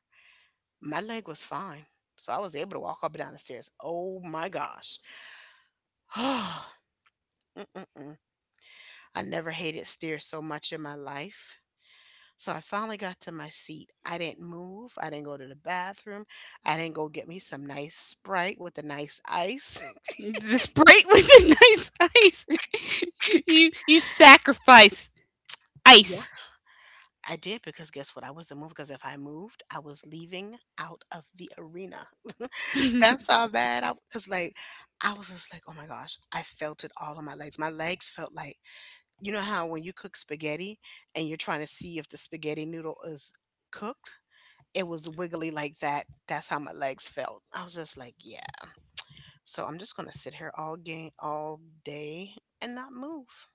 A: my leg was fine. So I was able to walk up and down the stairs. Oh my gosh. Mm-mm-mm. I never hated stairs so much in my life. So I finally got to my seat. I didn't move. I didn't go to the bathroom. I didn't go get me some nice Sprite with a nice ice.
B: The Sprite was a nice ice. you you sacrifice
A: Yeah,
B: ice.
A: I did because guess what? I wasn't moving because if I moved, I was leaving out of the arena.
B: I
A: That's how bad I was. Like, I was just like, oh my gosh, I felt it all on my legs. My legs felt like, you know how when you cook spaghetti and you're trying to see if the spaghetti noodle is cooked? It was wiggly like that. That's how my legs felt. I was just like, yeah. So I'm just going to sit here all game all day and not move.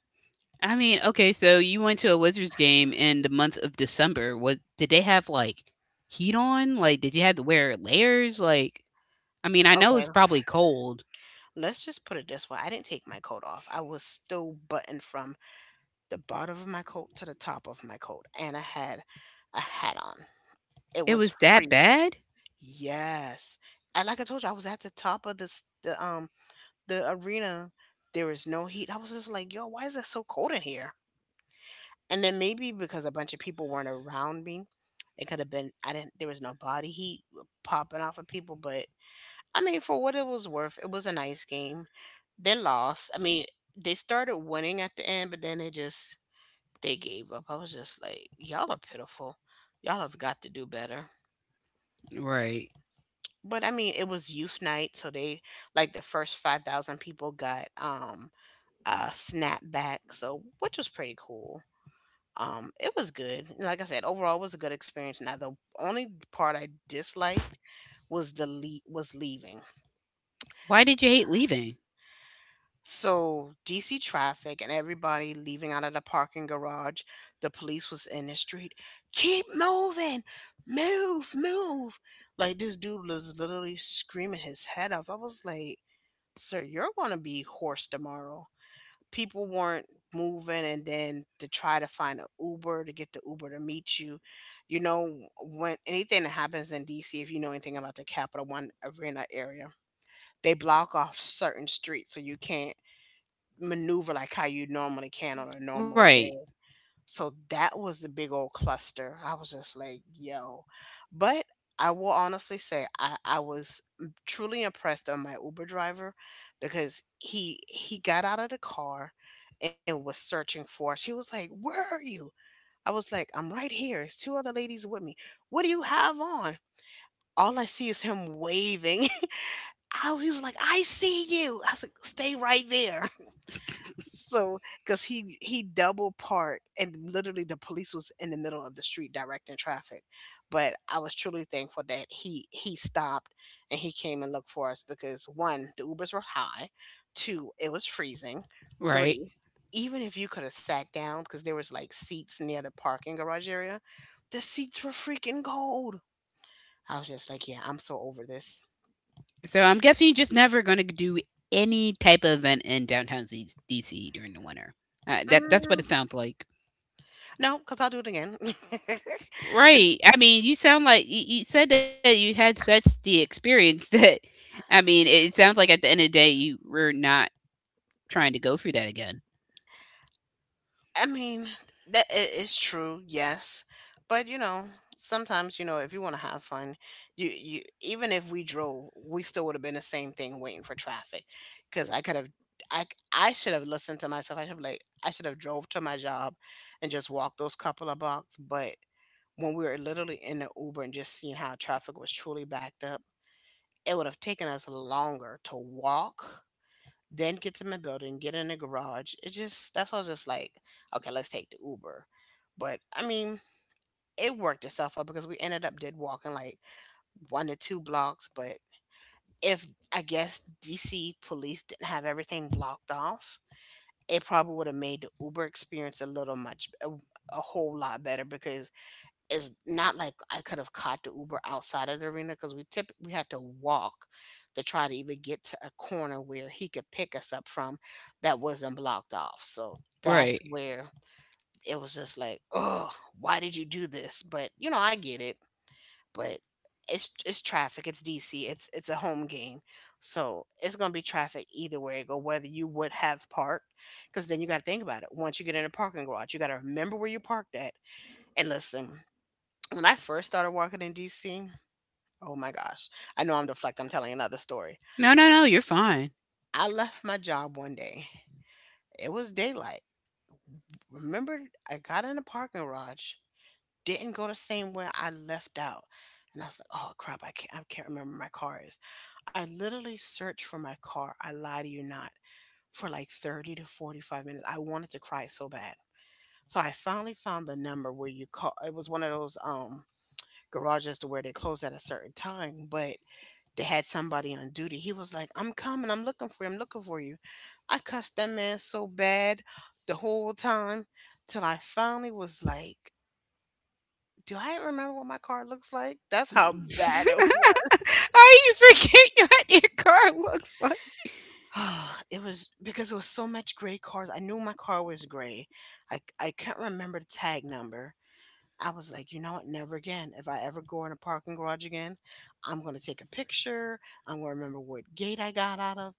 B: mean, okay, so you went to a Wizards game in the month of December. What did they have like heat on? Like did you have to wear layers? Like I mean, I know
A: Okay,
B: it's probably cold,
A: let's just put it this way. I didn't take my coat off. I was still buttoned from the bottom of my coat to the top of my coat, and I had a hat on. It
B: it
A: was
B: was that
A: freezing.
B: bad?
A: Yes, and like I told you, I was at the top of this the um the arena. There was no heat. I was just like, yo, why is it so cold in here? And then maybe because a bunch of people weren't around me, it could have been. I didn't. There was no body heat popping off of people, but I mean, for what it was worth, it was a nice game. They lost. I mean, they started winning at the end, but then they just they gave up. I was just like, y'all are pitiful. Y'all have got to do better.
B: Right.
A: But I mean, it was youth night, so they like the first five thousand people got um a snap back, so which was pretty cool. Um, it was good. Like I said, overall, it was a good experience. Now, the only part I disliked was the le- was leaving.
B: Why did you hate leaving?
A: So D C traffic and everybody leaving out of the parking garage. The police was in the street. Keep moving, move, move. Like this dude was literally screaming his head off. I was like, "Sir, you're gonna be hoarse tomorrow." People weren't moving, and then to try to find an Uber to get the Uber to meet you. You know, when anything that happens in D C, if you know anything about the Capital One Arena area, they block off certain streets so you can't maneuver like how you normally can on a normal
B: Right.
A: day. So that was the big old cluster. I was just like, yo. But I will honestly say I, I was m- truly impressed on my Uber driver because he he got out of the car and was searching for us. He was like, "Where are you?" I was like, "I'm right here. It's two other ladies with me. What do you have on?" All I see is him waving. I was like, I see you. I was like, stay right there. So, because he he double parked and literally the police was in the middle of the street directing traffic, but I was truly thankful that he he stopped and he came and looked for us because one, the Ubers were high, two, it was freezing,
B: Right.
A: three, even if you could have sat down because there was like seats near the parking garage area, the seats were freaking cold. I was just like, yeah, I'm so over this.
B: So I'm guessing you're just never going to do any type of event in downtown Z- D C during the winter. Uh, that that's what it
A: Mm,
B: sounds like.
A: no, because I'll do it again.
B: Right. I mean, you sound like you, you said that you had such the experience that, I mean, it sounds like at the end of the day, you were not trying to go through that again.
A: I mean, that it is true, yes. But you know, sometimes, you know, if you want to have fun, you you even if we drove, we still would have been the same thing waiting for traffic. Cause I could have I I should have listened to myself. I should have like I should have drove to my job and just walked those couple of blocks. But when we were literally in the Uber and just seeing how traffic was truly backed up, it would have taken us longer to walk then get to my building, get in the garage. It just that's why I was just like, okay, let's take the Uber. But I mean, it worked itself out because we ended up did walking like one to two blocks. But if I guess D C police didn't have everything blocked off, it probably would have made the Uber experience a little much a, a whole lot better because is not like I could have caught the Uber outside of the arena because we tip we had to walk to try to even get to a corner where he could pick us up from that wasn't blocked off. So that's
B: Right.
A: where it was just like, oh, why did you do this? But you know, I get it. But it's it's traffic. It's D C. It's it's a home game, so it's gonna be traffic either way it go. Whether you would have parked, because then you got to think about it. Once you get in a parking garage, you got to remember where you parked at. And listen, when I first started working in D C, oh my gosh, I know I'm deflecting. I'm telling another story.
B: No, no, no, you're fine.
A: I left my job one day. It was daylight. Remember, I got in the parking garage, didn't go the same way I left out. And I was like, oh crap, I can't, I can't remember where my car is. I literally searched for my car. I lie to you not. For like thirty to forty-five minutes. I wanted to cry so bad. So I finally found the number where you call. It was one of those um garages to where they close at a certain time, but they had somebody on duty. He was like, I'm coming. I'm looking for you. I'm looking for you. I cussed that man so bad the whole time till I finally was like, do I remember what my car looks like? That's how bad it was.
B: I you forget what your car looks like.
A: It was because it was so much gray cars. I knew my car was gray. I, I can not remember the tag number. I was like, you know what? Never again. If I ever go in a parking garage again, I'm going to take a picture. I'm going to remember what gate I got out of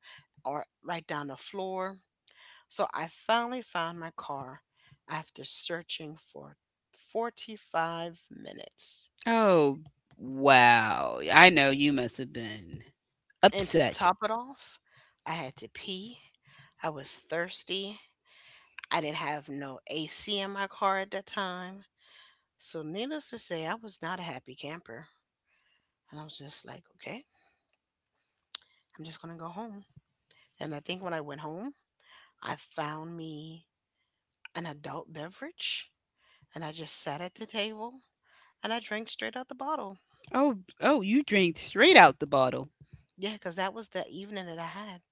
A: or write down the floor. So I finally found my car after searching for forty-five minutes.
B: Oh, wow. I know you must have been
A: And to
B: upset.
A: top it off, I had to pee. I was thirsty. I didn't have no A C in my car at that time. So, needless to say, I was not a happy camper. And I was just like, okay, I'm just going to go home. And I think when I went home, I found me an adult beverage and I just sat at the table and I drank straight out the bottle.
B: Oh, oh, you drank straight out the bottle.
A: Yeah, cause that was the evening that I had.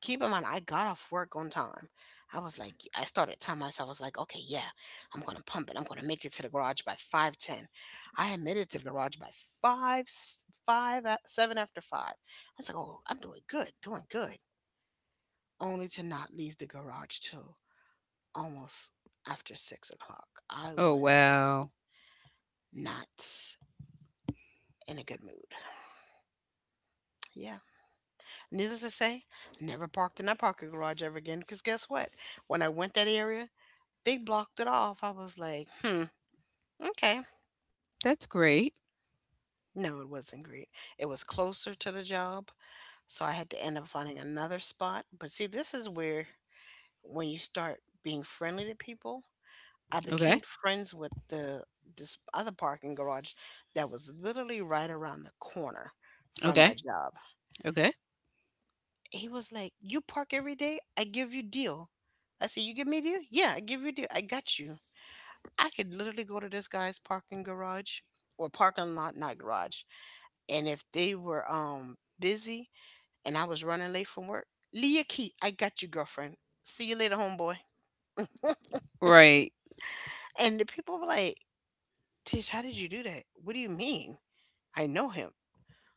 A: Keep in mind, I got off work on time. I was like, I started telling myself, I was like, okay, yeah, I'm gonna pump it. I'm gonna make it to the garage by five ten. I had made it to the garage by five s- five at seven after five. I was like, oh, I'm doing good, doing good. Only to not leave the garage till almost after six o'clock. I
B: Oh,
A: was
B: wow.
A: not in a good mood. Yeah. Needless to say, never parked in that parking garage ever again. Because guess what? When I went that area, they blocked it off. I was like, hmm, okay.
B: That's great.
A: No, it wasn't great. It was closer to the job. So I had to end up finding another spot. But see, this is where when you start being friendly to people, I
B: Okay.
A: became friends with the this other parking garage that was literally right around the corner from
B: Okay.
A: my job.
B: Okay.
A: He was like, "You park every day, I give you deal." I said, "You give me deal? Yeah, I give you deal. I got you." I could literally go to this guy's parking garage or parking lot, not garage, and if they were um busy and I was running late from work, Leah Key, I got you, girlfriend. See you later, homeboy.
B: Right.
A: And the people were like, Tish, how did you do that? What do you mean? I know him.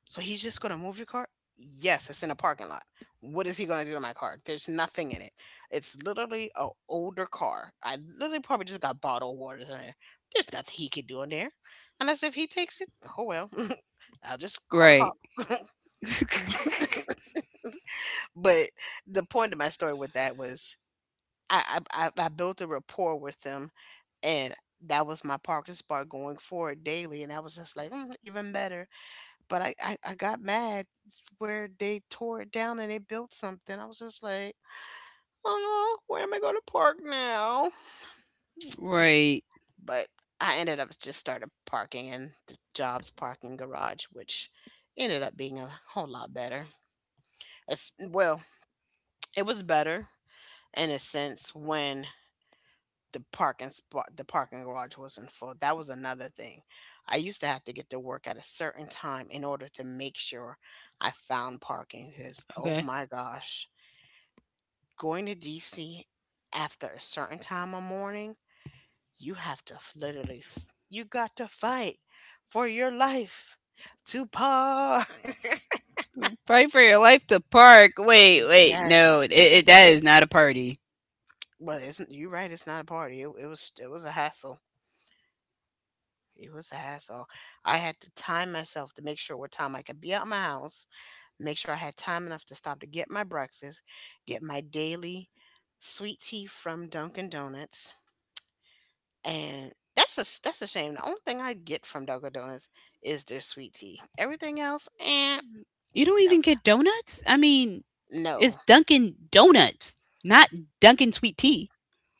A: So he's just gonna move your car? Yes, it's in a parking lot. What is he gonna do to my car? There's nothing in it. It's literally an older car. I literally probably just got bottled water in there. There's nothing he can do in there, unless if he takes it. Oh well, I'll just call the
B: Right.
A: cops. But the point of my story with that was I, I I I built a rapport with them, and that was my parking spot going forward daily, and I was just like, "Mm, even better." But I, I, I got mad where they tore it down and they built something. I was just like, oh, where am I going to park now?
B: right.
A: But I ended up just started parking in the Jobs parking garage, which ended up being a whole lot better. It's, well, it was better in a sense when the parking spot the parking garage wasn't full. That was another thing. I used to have to get to work at a certain time in order to make sure I found parking, because oh
B: Okay.
A: my gosh, going to DC after a certain time of morning, you have to f- literally, f- you got to fight for your life to park.
B: Fight for your life to park. Wait, wait.
A: Yeah,
B: No, it, it, that is not a party.
A: but it's, you're right, it's not a party. It, it was it was a hassle. It was a hassle. I had to time myself to make sure what time I could be out my house, make sure I had time enough to stop to get my breakfast, get my daily sweet tea from Dunkin' Donuts, and that's a that's a shame. The only thing I get from Dunkin' Donuts is their sweet tea. Everything else, eh,
B: You don't
A: no,
B: even get donuts? I mean,
A: no,
B: It's Dunkin' Donuts, not Dunkin' Sweet Tea.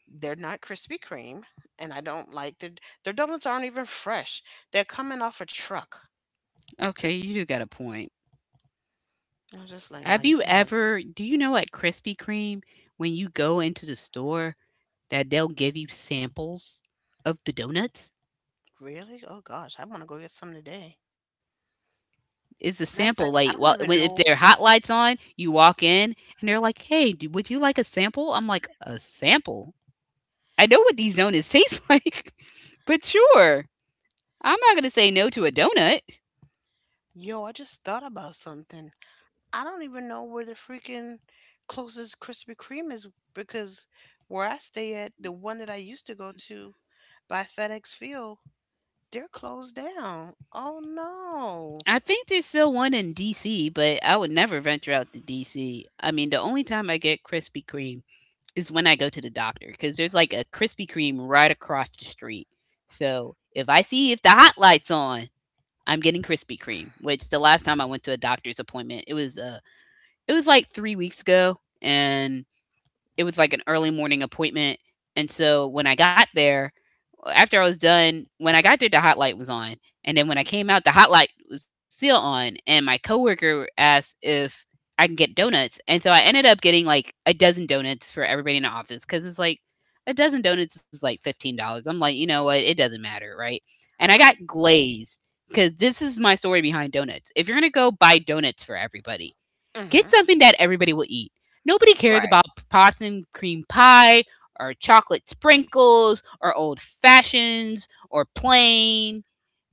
A: they're not Krispy Kreme, and I don't like their their donuts aren't even fresh. They're coming off a truck.
B: Okay, you do got a point.
A: I was just like, nah,
B: Have
A: you
B: you
A: can have.
B: ever, do you know at Krispy Kreme, when you go into the store, that they'll give you samples of the donuts?
A: Really? Oh gosh, I want to go get some today.
B: It's a
A: Matter of
B: sample,
A: fact,
B: like,
A: I
B: well,
A: don't even
B: when- if
A: know.
B: their hot lights on, you walk in and they're like, hey, do, would you like a sample? I'm like, a sample? I know what these donuts taste like, but sure. I'm not going to say no to a donut.
A: Yo, I just thought about something. I don't even know where the freaking closest Krispy Kreme is, because where I stay at, the one that I used to go to by FedEx Field, they're closed down. Oh
B: I think there's still one in D C, but I would never venture out to D C. I mean, the only time I get Krispy Kreme is when I go to the doctor because there's like a Krispy Kreme right across the street. So if I see if the hot light's on, I'm getting Krispy Kreme. Which the last time I went to a doctor's appointment, it was uh, it was like three weeks ago, and it was like an early morning appointment. And so when I got there, uh, after I was done, when I got there, the hot light was on. And then when I came out, the hot light was still on. And my coworker asked if I can get donuts. And so I ended up getting like a dozen donuts for everybody in the office because it's like a dozen donuts is like fifteen dollars. I'm like, you know what? It doesn't matter, right? And I got glazed because this is my story behind donuts. If you're going to go buy donuts for everybody,
A: no.
B: get
A: Hmm.
B: something that everybody will eat. Nobody cares
A: Right.
B: about pots and cream pie or chocolate sprinkles or old fashions or plain.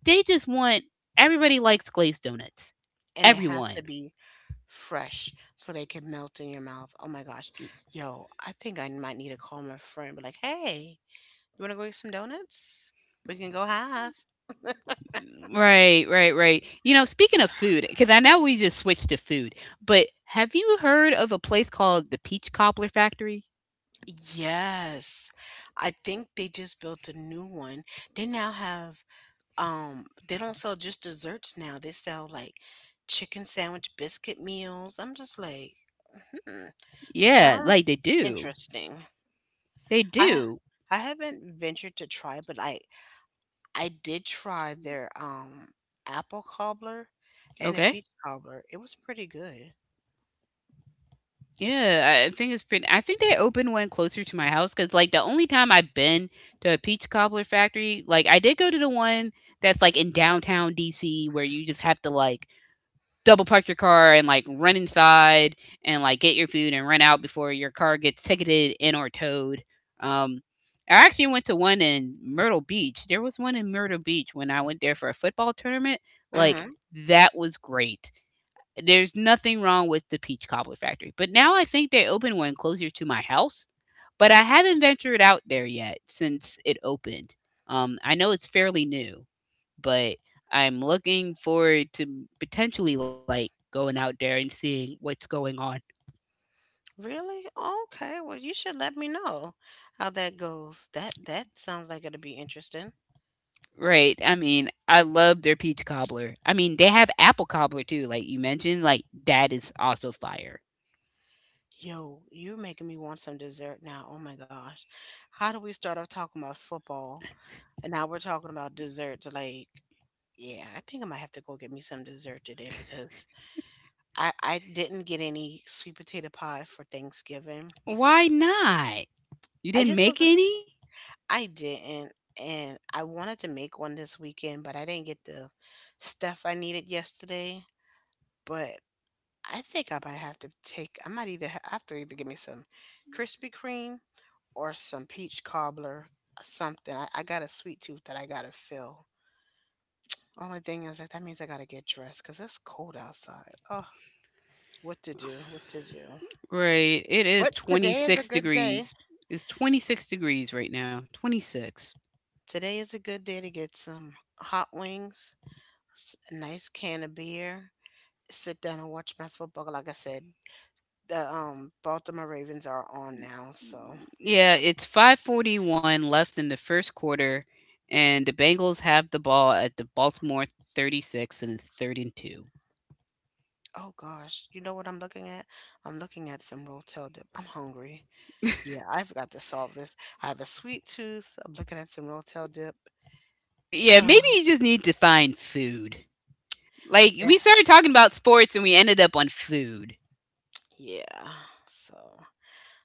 B: They just want everybody likes glazed donuts.
A: And it has
B: Everyone.
A: to be fresh so they can melt in your mouth. Oh my gosh. Yo, I think I might need to call my friend, and be like, hey, you want to go get some donuts? We can go half.
B: Right, right, right. You know, speaking of food, because I know we just switched to food, but have you heard of a place called the Peach Cobbler Factory?
A: Yes. I think they just built a new one. They now have um they don't sell just desserts now. They sell like chicken sandwich biscuit meals. I'm just like, hmm,
B: Yeah, like they
A: sounds
B: do.
A: interesting.
B: They
A: I
B: do.
A: I haven't ventured to try, but I I did try their um apple cobbler and a
B: Okay.
A: peach cobbler. It was pretty good.
B: Yeah, I think it's pretty. I think they opened one closer to my house because, like, the only time I've been to a Peach Cobbler Factory, like, I did go to the one that's like in downtown D C where you just have to like double park your car and like run inside and like get your food and run out before your car gets ticketed and or towed. Um, I actually went to one in Myrtle Beach. There was one in Myrtle Beach when I went there for a football tournament. Like,
A: Mhm.
B: that was great. There's nothing wrong with the Peach Cobbler Factory. But now I think they opened one closer to my house, but I haven't ventured out there yet since it opened. Um, I know it's fairly new, but I'm looking forward to potentially like going out there and seeing what's going on.
A: Really? Okay. Well, you should let me know how that goes. That that sounds like it'll be interesting.
B: Right. I mean, I love their peach cobbler. I mean, they have apple cobbler too, like you mentioned. Like that is also fire.
A: Yo, you're making me want some dessert now. Oh my gosh. How do we start off talking about football and now we're talking about desserts? Like, yeah, I think I might have to go get me some dessert today because I I didn't get any sweet potato pie for Thanksgiving.
B: Why not? You
A: I
B: didn't
A: just
B: make
A: was
B: any?
A: I didn't, and I wanted to make one this weekend, but I didn't get the stuff I needed yesterday. But I think I might have to take, I might either ha- I have to either give me some Krispy Kreme or some peach cobbler, uh, something. I, I got a sweet tooth that I gotta fill. Only thing is that that means I gotta get dressed because it's cold outside. Oh, what to do? What to do?
B: Right. It is
A: But today is a
B: twenty-six
A: good day.
B: degrees. It's twenty-six degrees right now. twenty-six.
A: Today is a good day to get some hot wings, s- a nice can of beer, sit down and watch my football. Like I said, the um Baltimore Ravens are on now, so.
B: Yeah, it's five forty-one left in the first quarter, and the Bengals have the ball at the Baltimore thirty-six, and it's third and two.
A: Oh gosh, you know what I'm looking at? I'm looking at some Rotel dip. I'm hungry. Yeah, I've got to solve this. I have a sweet tooth. I'm looking at some Rotel dip.
B: Yeah, maybe you just need to find food. Like, we
A: Huh.
B: started talking about sports, and we ended up on food.
A: Yeah. So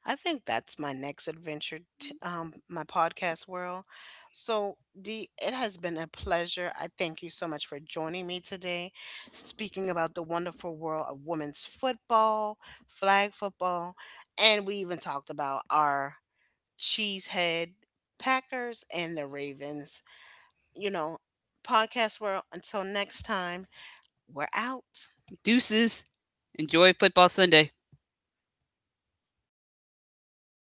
A: I think that's my next adventure, t- um, my podcast world. So Dee, it has been a pleasure. I thank you so much for joining me today, speaking about the wonderful world of women's football, flag football, and we even talked about our Cheesehead, Packers, and the Ravens. You know, podcast world, until next time, we're out.
B: Deuces. Enjoy football Sunday.